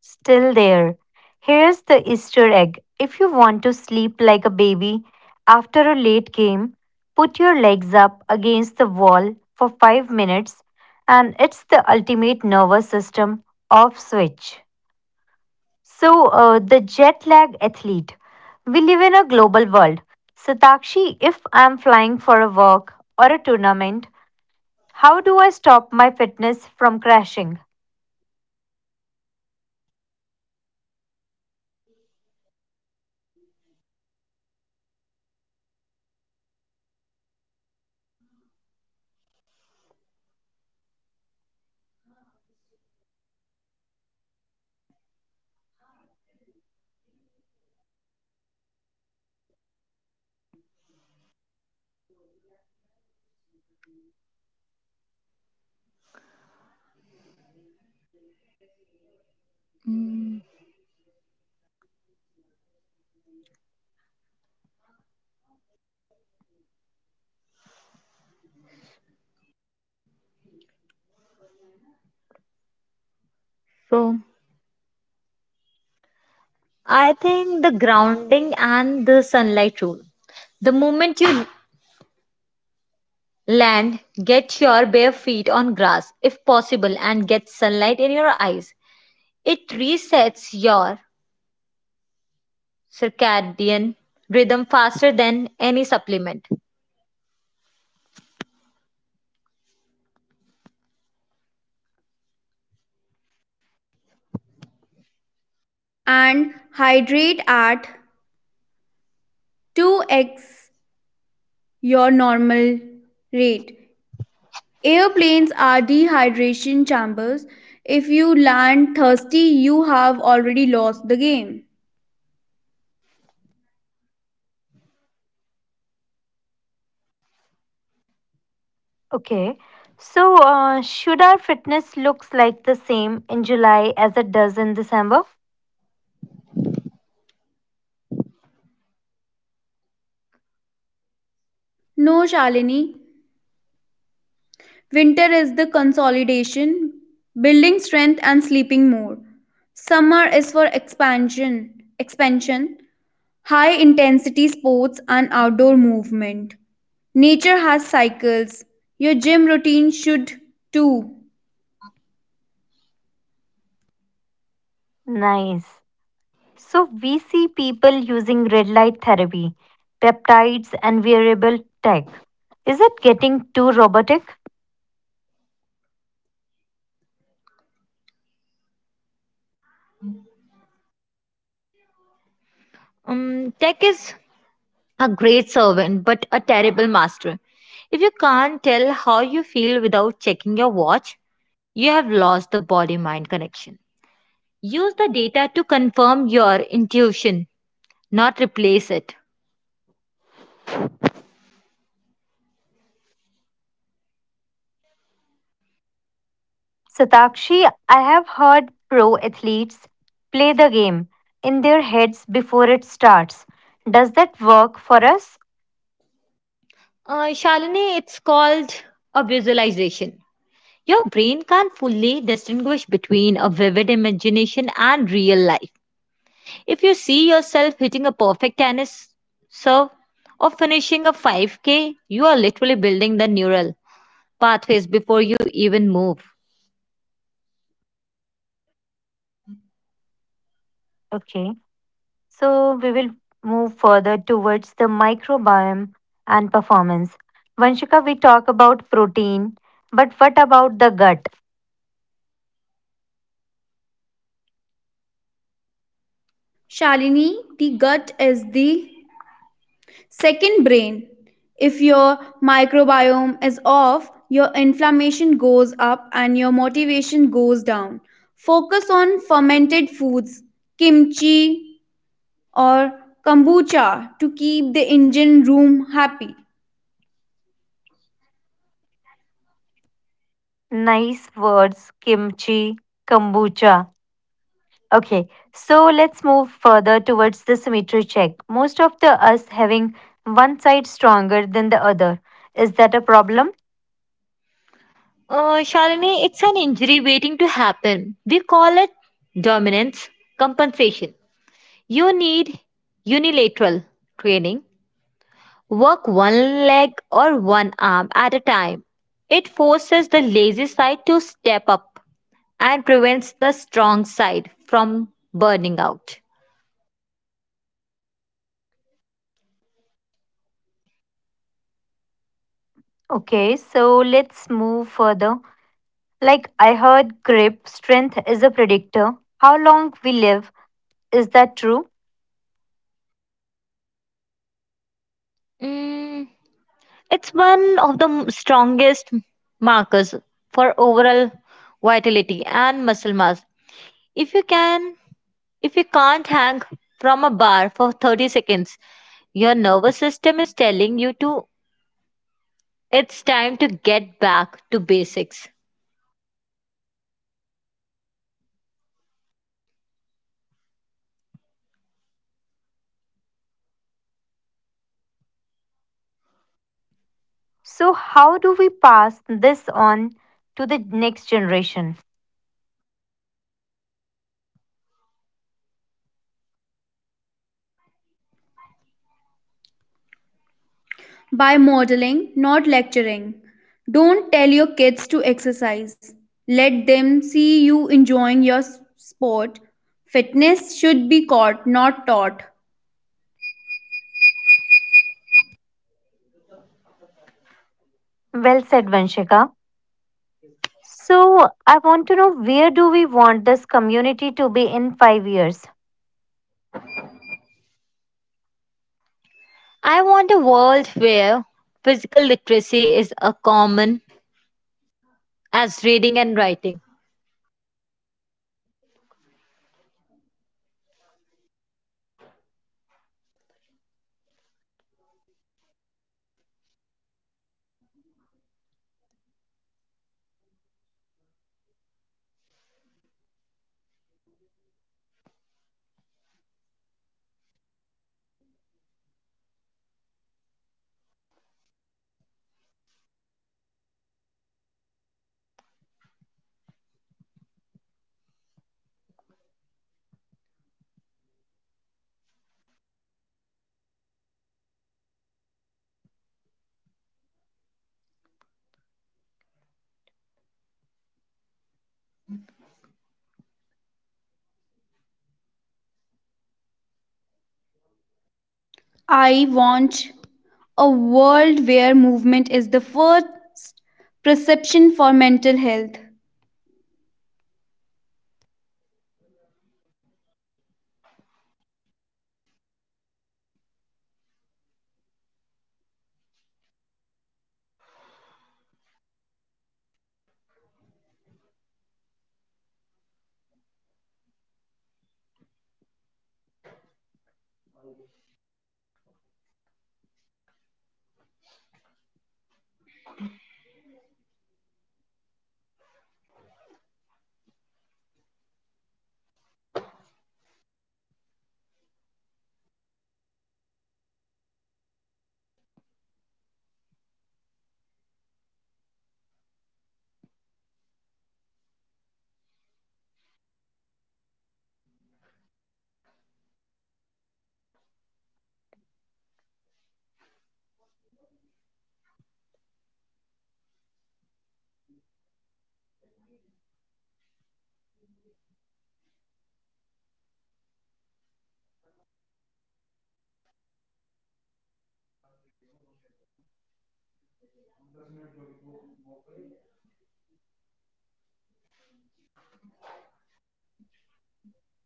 S1: still there. Here's the Easter egg. If you want to sleep like a baby after a late game, put your legs up against the wall for 5 minutes, and it's the ultimate nervous system off switch. So, the jet lag athlete. We live in a global world. Satakshi, if I'm flying for a walk or a tournament, how do I stop my fitness from crashing?
S2: And hydrate at 2x your normal rate. Airplanes are dehydration chambers. If you land thirsty, you have already lost the game.
S1: Okay. So, should our fitness looks like the same in July as it does in December?
S2: No, Shalini. Winter is the consolidation, building strength and sleeping more. Summer is for expansion, high intensity sports and outdoor movement. Nature has cycles. Your gym routine should too.
S1: Nice. So, we see people using red light therapy, peptides, and wearable tech. Is it getting too robotic? Satakshi, I have heard pro athletes play the game in their heads before it starts. Does that work for us? Okay. So, we will move further towards the microbiome and performance. Vanshika, we talk about protein, but what about the gut?
S2: Shalini, the gut is the second brain. If your microbiome is off, your inflammation goes up and your motivation goes down. Focus on fermented foods, kimchi or kombucha, to keep the engine room happy.
S1: Nice words, kimchi, kombucha. Okay, so let's move further towards the symmetry check. Most of the us having one side stronger than the other. Is that a problem? Okay, so let's move further. Like I heard grip strength is a predictor. How long we live, is that true? So, how do we pass this on to the next generation?
S2: By modeling, not lecturing. Don't tell your kids to exercise. Let them see you enjoying your sport. Fitness should be caught, not taught.
S1: Well said, Vanshika. So, I want to know where do we want this community to be in 5 years?
S2: I want a world where movement is the first perception for mental health.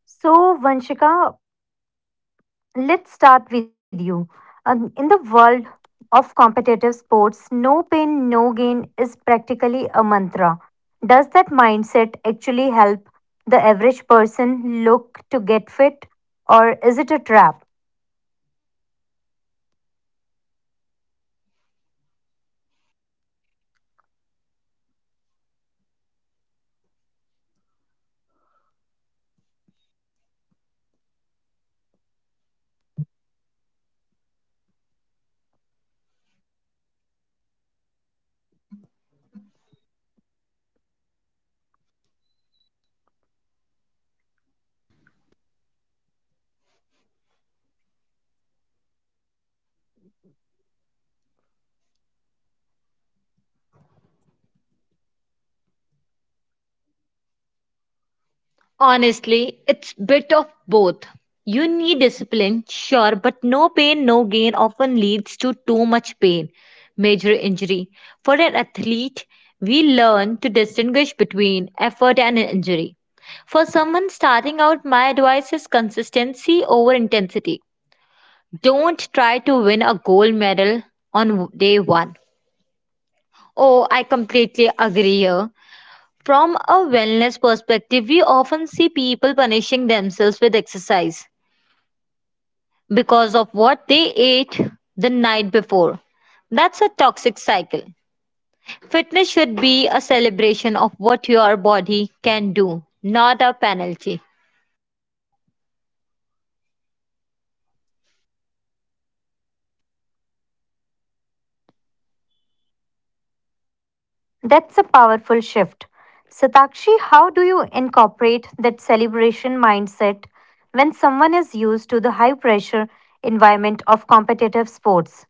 S1: So, Vanshika, let's start with you. In the world of competitive sports, no pain, no gain is practically a mantra. Does that mindset actually help the average person look to get fit, or is it a trap? That's a powerful shift. Satakshi, how do you incorporate that celebration mindset when someone is used to the high pressure environment of competitive sports?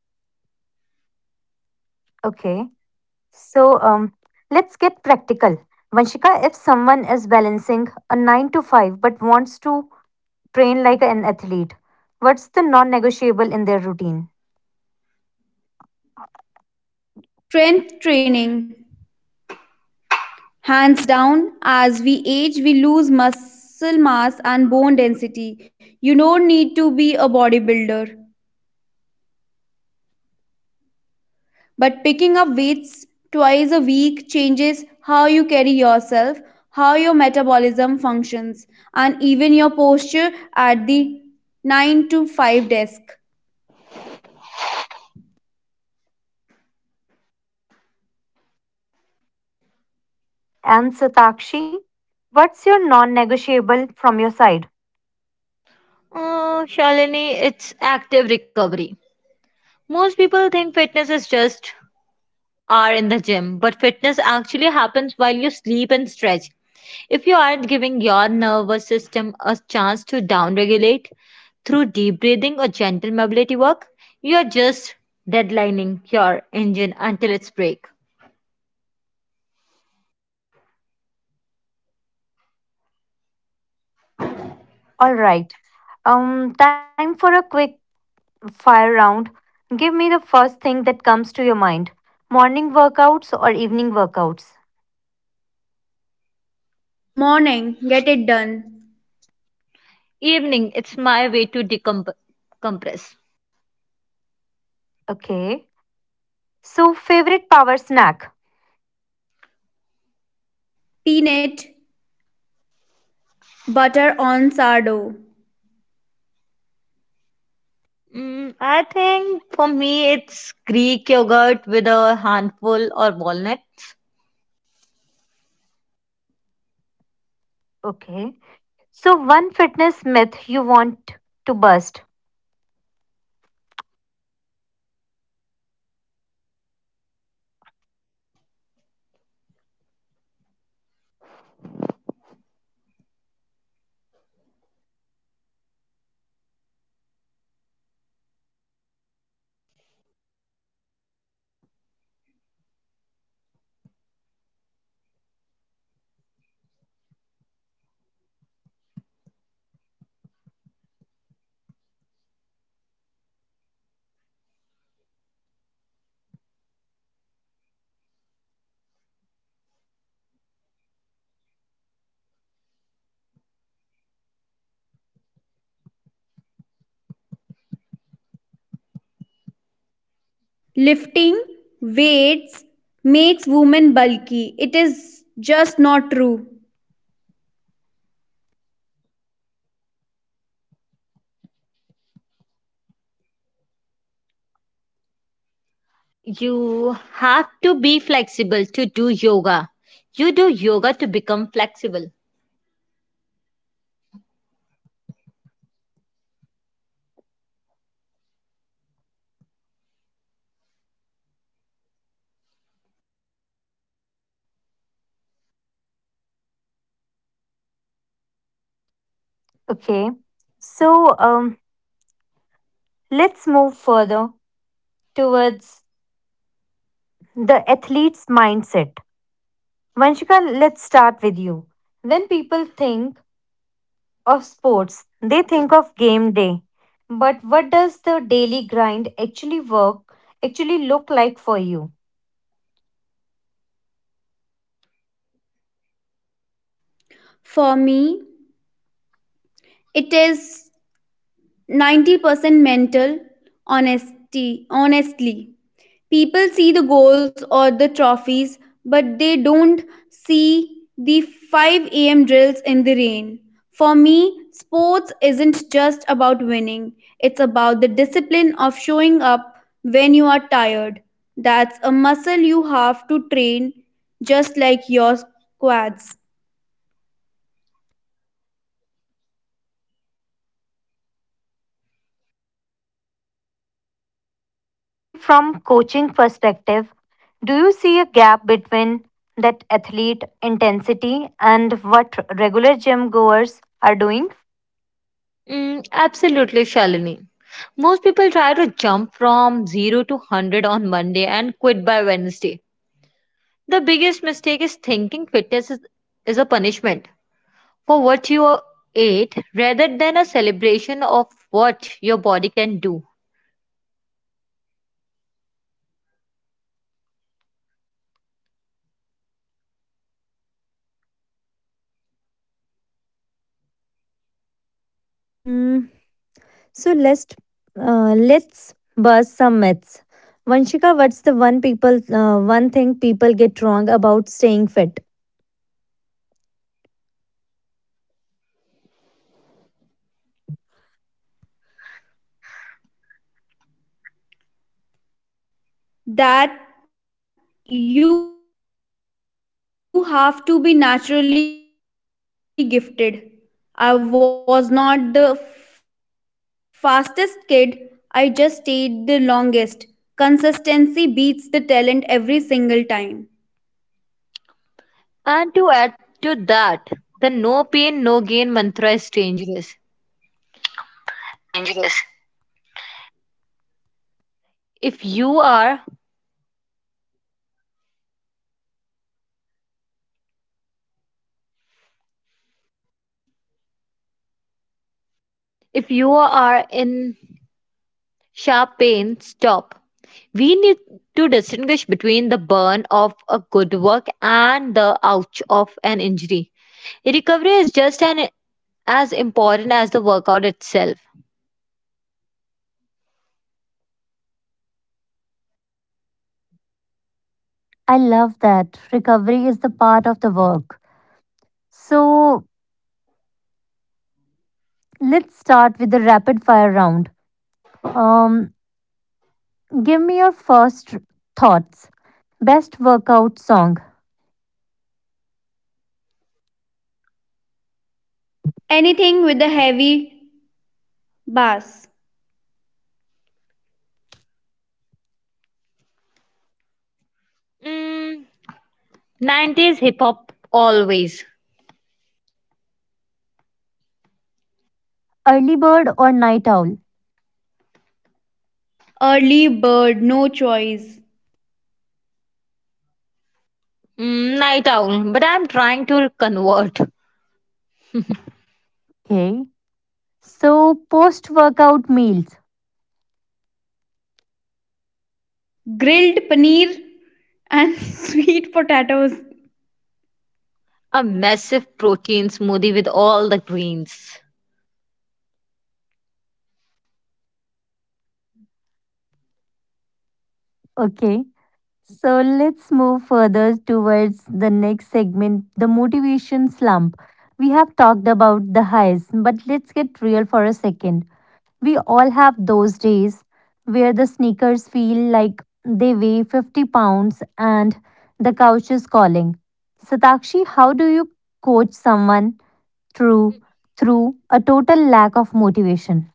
S1: Okay, so let's get practical. Vanshika, if someone is balancing a 9 to 5 but wants to train like an athlete, what's the non negotiable in their routine?
S2: Strength training, hands down. As we age, we lose muscle mass and bone density. You don't need to be a bodybuilder, but picking up weights twice a week changes how you carry yourself, how your metabolism functions, and even your posture at the 9 to 5 desk.
S1: And Satakshi, what's your non negotiable from your side? All right. Time for a quick fire round. Give me the first thing that comes to your mind morning workouts or evening workouts.
S2: Morning, get it done.
S1: Okay. So, favorite power snack?
S2: Peanut butter on sourdough.
S1: Okay. So one fitness myth you want to bust.
S2: Lifting weights makes women bulky. It is just not true. Lifting weights makes women bulky. It is just not true.
S1: Okay. So um let's move further towards the athlete's mindset. Vanshika, let's start with you. When people think of sports, they think of game day. But what does the daily grind actually work actually look like for you?
S2: For me, it is 90% mental. Honesty Honestly, people see the goals or the trophies, but they don't see the 5 a.m. drills in the rain. For me, sports isn't just about winning. It's about the discipline of showing up when you are tired. That's a muscle you have to train, just like your quads.
S1: Satakshi, from coaching perspective, do you see a gap between that athlete intensity and what regular gym goers are doing? Okay. Um. So let's bust some myths. Vanshika, what's the one thing people get wrong about staying fit?
S2: That you have to be naturally gifted. I was not the fastest kid, I just stayed the longest. Consistency beats the talent every single time.
S1: I love that. Recovery is the part of the work. So, let's start with the rapid fire round. Um, Give me your first thoughts. Best workout song,
S2: Anything with a heavy bass.
S1: Early Bird or Night Owl?
S2: Early bird, no choice.
S1: Okay. So, post workout meals.
S2: Grilled paneer and sweet potatoes.
S1: Okay. So, let's move further towards the next segment the motivation slump. We have talked about the highs, but let's get real for a second. We all have those days where the sneakers feel like they weigh 50 pounds and the couch is calling. Satakshi, how do you coach someone through through a total lack of motivation?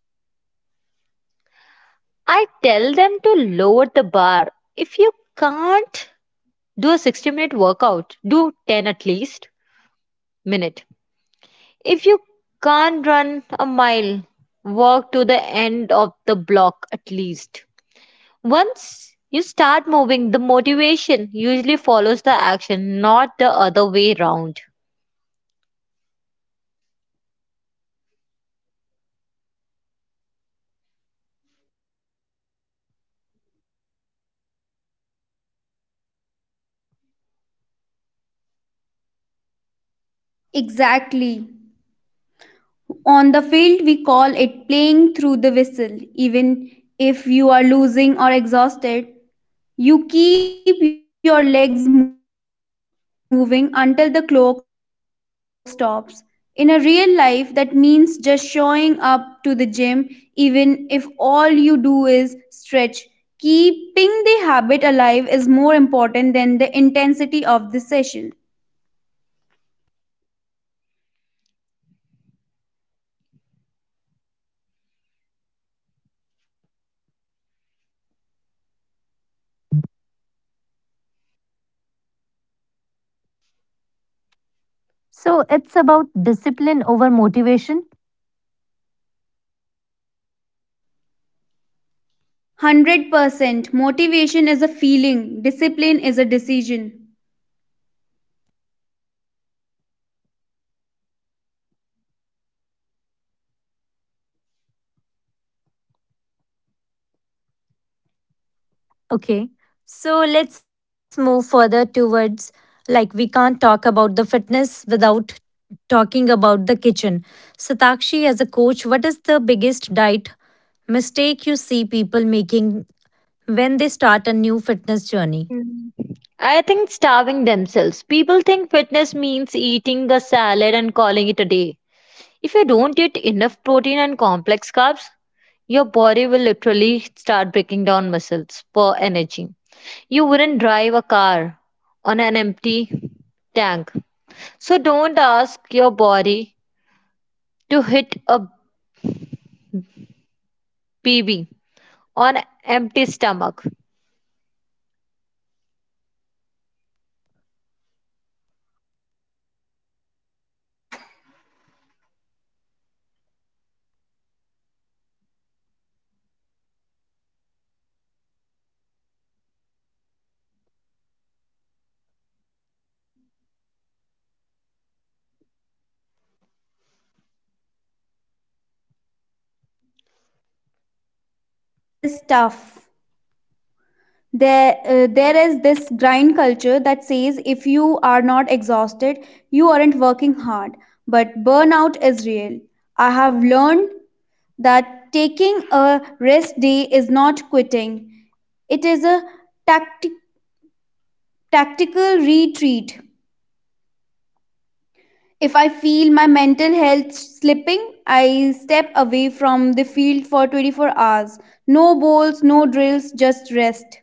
S2: Exactly. On the field, we call it playing through the whistle. Even if you are losing or exhausted, you keep your legs moving until the clock stops. In a real life, that means just showing up to the gym, even if all you do is stretch. Keeping the habit alive is more important than the intensity of the session.
S1: So it's about discipline over motivation.
S2: 100% motivation is a feeling, discipline is a decision.
S1: Okay. So let's move further towards like we can't talk about the fitness without talking about the kitchen. Satakshi, as a coach, what is the biggest diet mistake you see people making when they start a new fitness journey.
S2: It is tough. There is this grind culture that says if you are not exhausted you aren't working hard, but burnout is real. I have learned that taking a rest day is not quitting, it is a tactic tactical retreat. If I feel my mental health slipping, I step away from the field for 24 hours. No balls, no drills, just rest.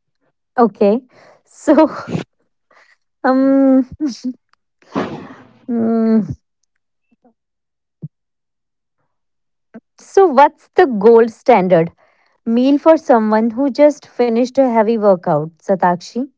S1: Okay. So, um, mm, what's the gold standard meal for someone who just finished a heavy workout, Satakshi?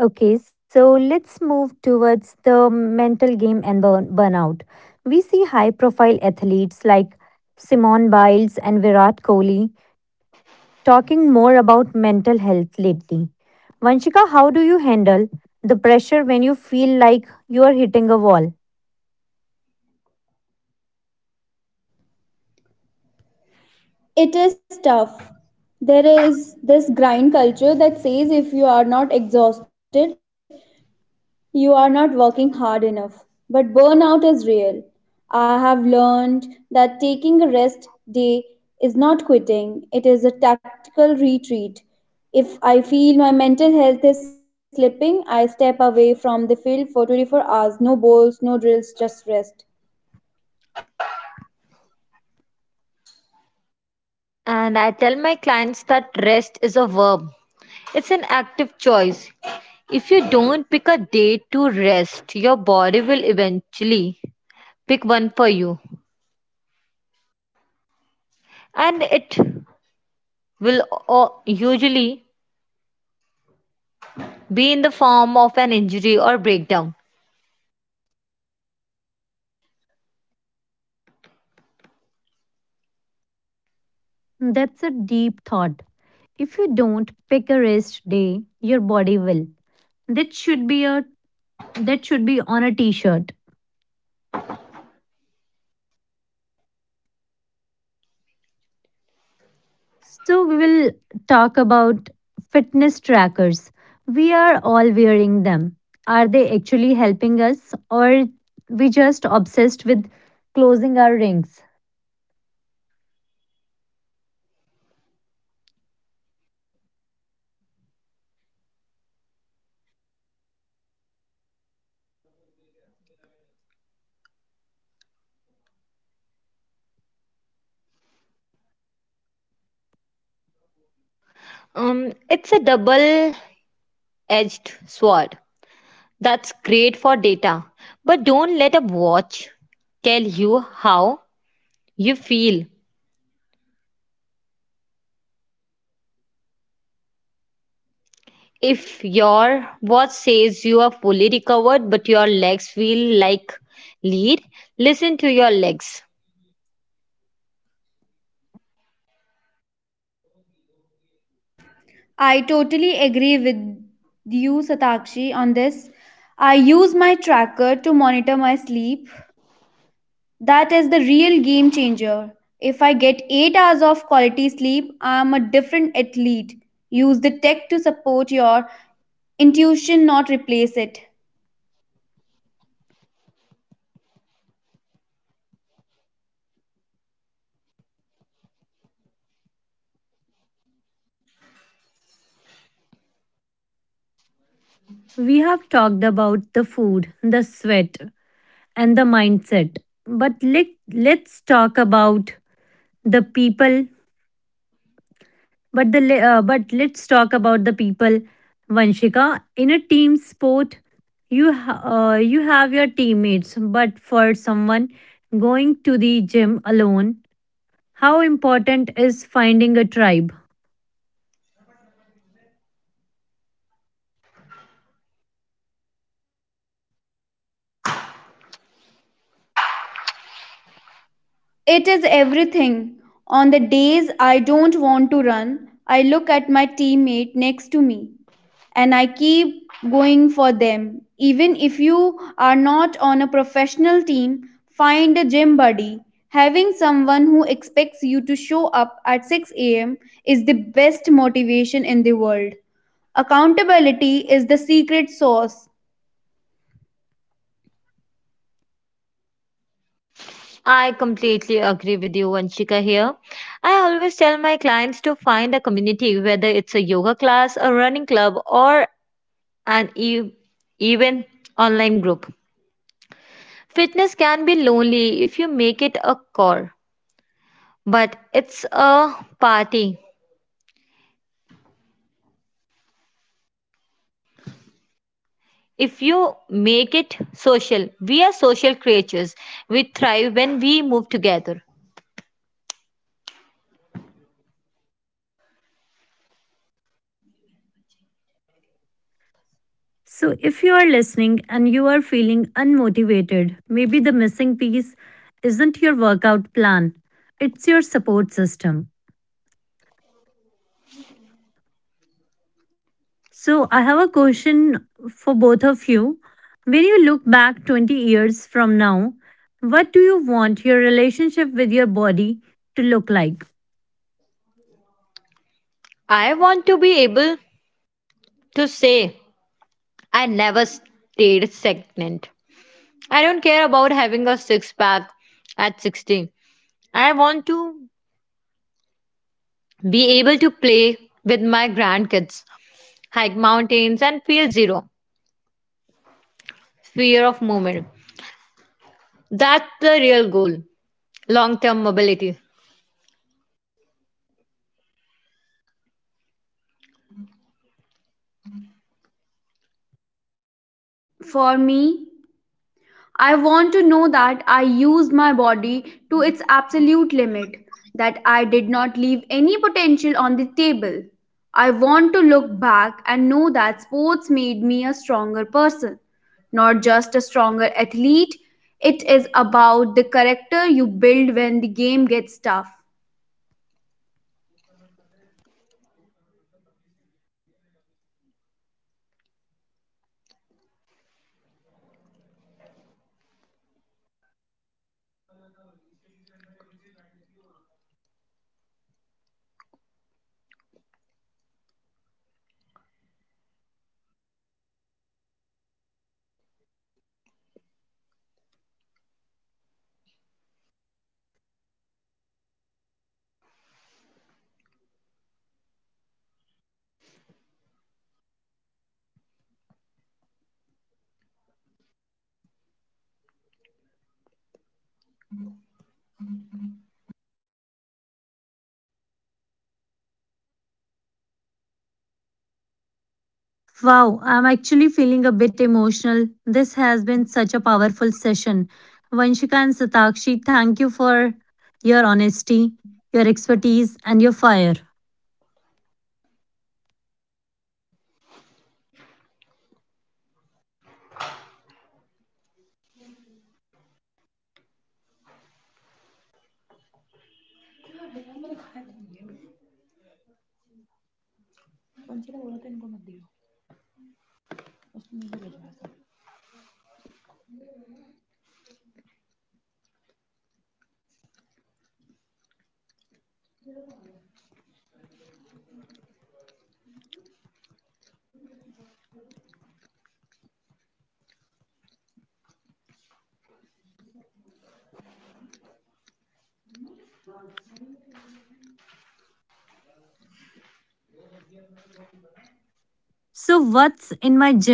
S1: Okay, so let's move towards the mental game and burnout. We see high profile athletes like Simone Biles and Virat Kohli talking more about mental health lately. Vanshika, how do you handle the pressure when you feel like you are hitting a wall?
S2: It is tough. There is this grind culture that says if you are not exhausted you are not working hard enough, but burnout is real. I have learned that taking a rest day is not quitting, it is a tactical retreat. If I feel my mental health is slipping, I step away from the field for 24 hours. No balls, no drills, just rest.
S1: That's a deep thought. If you don't pick a rest day, your body will. That should be a that should be on a t-shirt. So we will talk about fitness trackers. We are all wearing them. Are they actually helping us or we just obsessed with closing our rings?
S2: I totally agree with you, Satakshi, on this. I use my tracker to monitor my sleep. That is the real game changer. If I get 8 hours of quality sleep, I athlete. Use the tech to support your intuition, not replace it.
S1: We have talked about the food, the sweat and the mindset. But let's talk about the people. But let's talk about the people, Vanshika. In a team sport, you have your teammates, but for someone going to the gym alone, how important is finding a tribe?
S2: It is everything. On the days I don't want to run, I look at my teammate next to me and I keep going for them. Even if you are not on a professional team, find a gym buddy. Having someone who expects you to show up at 6 a.m. is the best motivation in the world. Accountability is the secret sauce.
S1: So if you are listening and you are feeling unmotivated, maybe the missing piece isn't your workout plan. It's your support system. So, I have a question for both of you. When you look back 20 years from now, what do you want your relationship with your body to look like?
S2: For me, I want to know that I used my body to its absolute limit, I did not leave any potential on the table. I want to look back and know that sports made me a stronger person, not just a stronger athlete. It is about the character you build when the game gets tough.
S1: Wow, I'm actually feeling a bit emotional. This has been such a powerful session. Vanshika and Satakshi, thank you for your honesty, your expertise, and your fire. So, what's in my gym bag?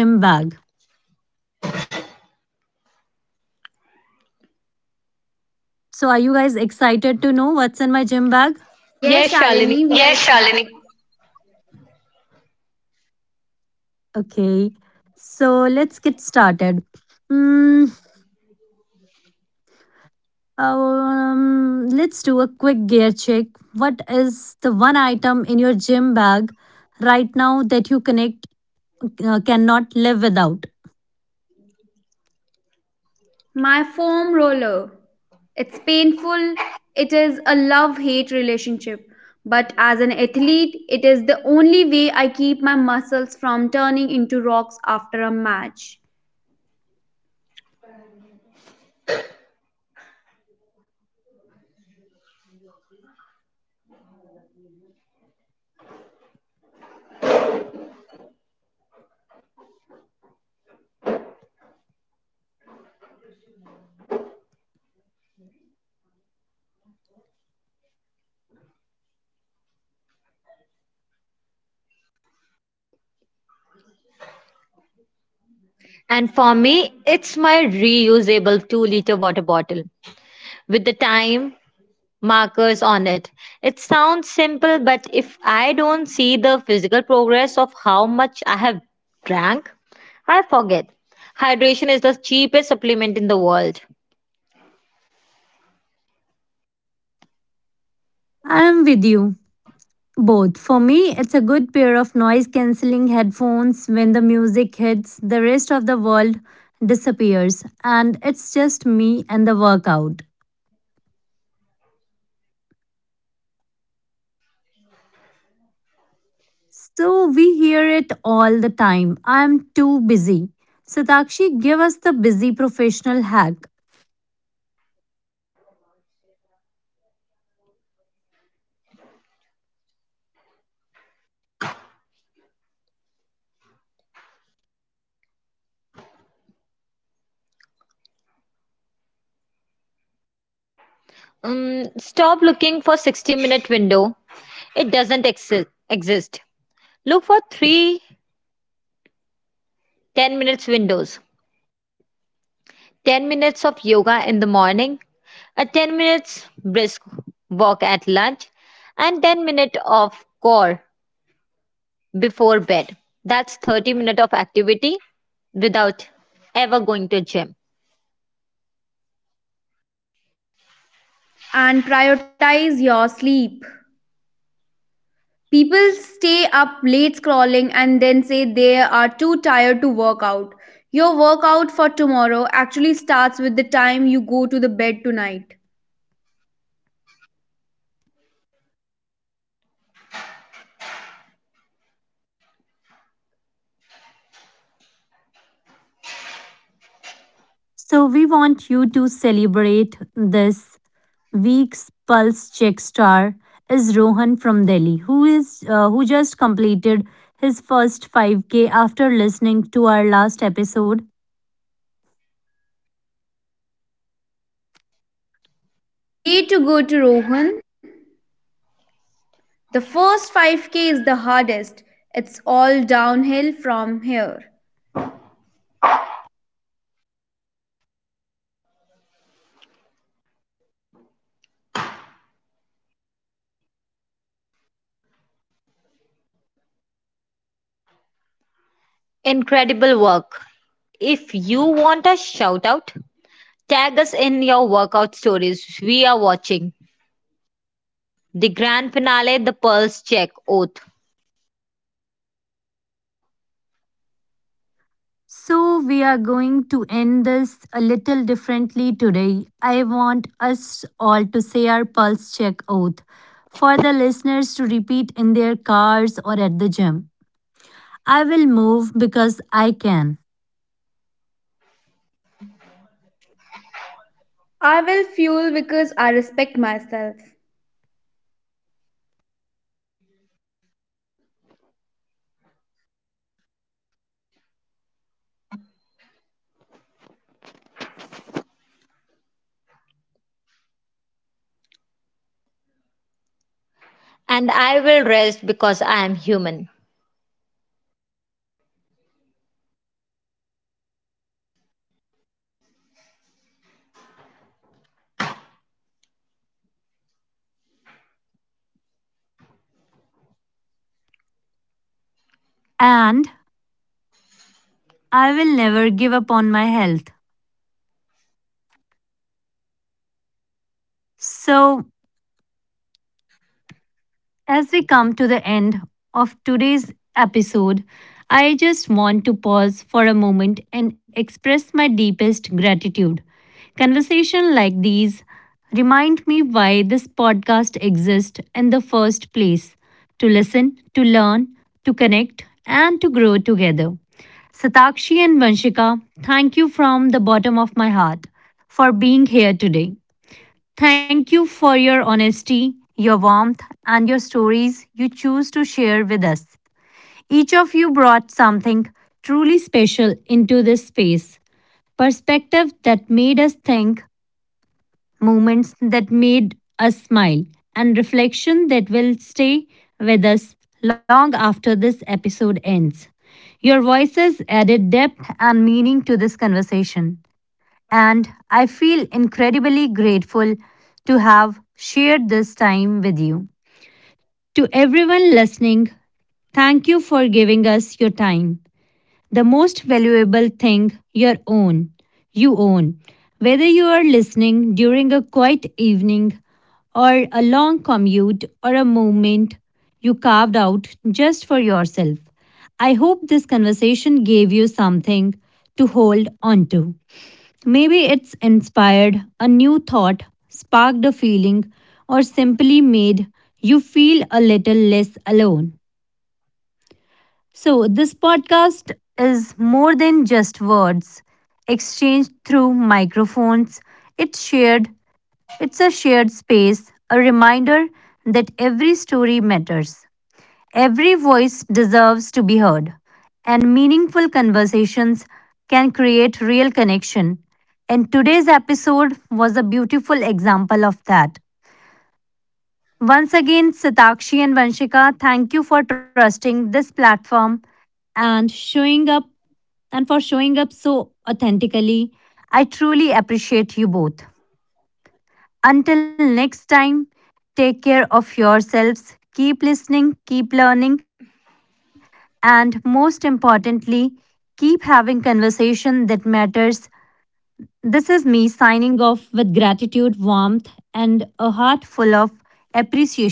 S1: So, are you guys excited to know what's in my gym bag?
S2: Yes, Shalini. Yes, Shalini.
S1: Okay, so let's get started. Mm, let's do a quick gear check. What is the one item in your gym bag right now that you connect cannot live without?
S2: My foam roller. It's painful. It is a love hate relationship. But as an athlete, it is the only way I keep my muscles from turning into rocks after a match.
S1: I'm with you. Both. For me, it's a good pair of noise cancelling headphones. When the music hits, the rest of the world disappears, and it's just me and the workout. So we hear it all the time. I am too busy. Satakshi, give us the busy professional hack.
S2: And prioritize your sleep. People stay up late scrolling and then say they are too tired to work out. Your workout for tomorrow actually starts with the time you go to the bed tonight.
S1: So we want you to celebrate this week's Pulse Check Star is Rohan from Delhi, who just completed his first 5K after listening to our last episode.
S2: Way to go to Rohan. The first 5k is the hardest. It's all downhill from here.
S1: So, we are going to end this a little differently today. I want us all to say our pulse check oath for the listeners to repeat in their cars or at the gym. I will move because I can,
S2: I will fuel because I respect myself.
S1: and I will never give up on my health. So, as we come to the end of today's episode, I just want to pause for a moment and express my deepest gratitude. Conversations like these remind me why this podcast exists in the first place to listen, to learn, to connect, and to grow together. Satakshi and Vanshika, thank you from the bottom of my heart for being here today. Thank you for your honesty, your warmth, and your stories you choose to share with us. Each of you brought something truly special into this space perspective that made us think, moments that made us smile, and reflection that will stay with us long after this episode ends. Your voices added depth and meaning to this conversation and I feel incredibly grateful to have shared this time with you. To everyone listening, thank you for giving us your time, the most valuable thing you own. Whether you are listening during a quiet evening or a long commute or a moment you carved out just for yourself. I hope this conversation gave you something to hold on to. Maybe it's inspired a new thought, sparked a feeling, or simply made you feel a little less alone. So, this podcast is more than just words exchanged through microphones. It's shared, it's a shared space, a reminder that every story matters. Every voice deserves to be heard, and meaningful conversations can create real connection. And today's episode was a beautiful example of that. Once again, Satakshi and Vanshika, thank you for trusting this platform and showing up and for showing up so authentically. I truly appreciate you both. Until next time, take care of yourselves, keep listening, keep learning, and most importantly, keep having conversation that matters. This is me signing off with gratitude, warmth, and a heart full of appreciation.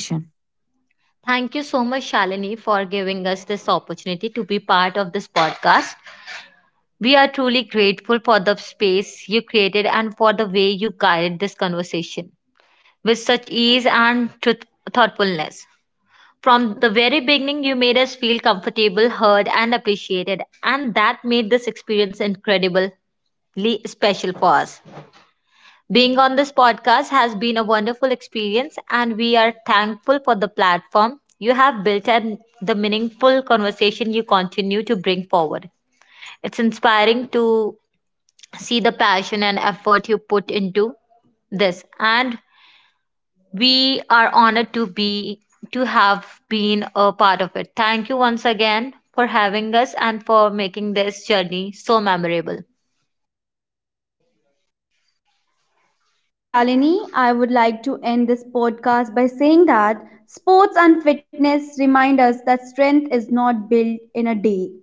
S2: Thank you, Shalini. I would like to end this podcast by saying that sports and fitness remind us that strength is not built in a day.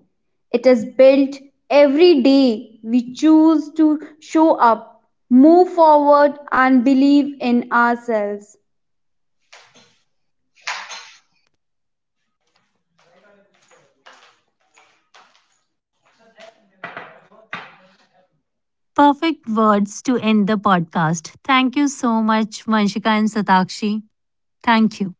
S2: It is built every day we choose to show up, move forward, and believe in ourselves.
S1: Perfect words to end the podcast. Thank you so much, Vanshika and Satakshi. Thank you.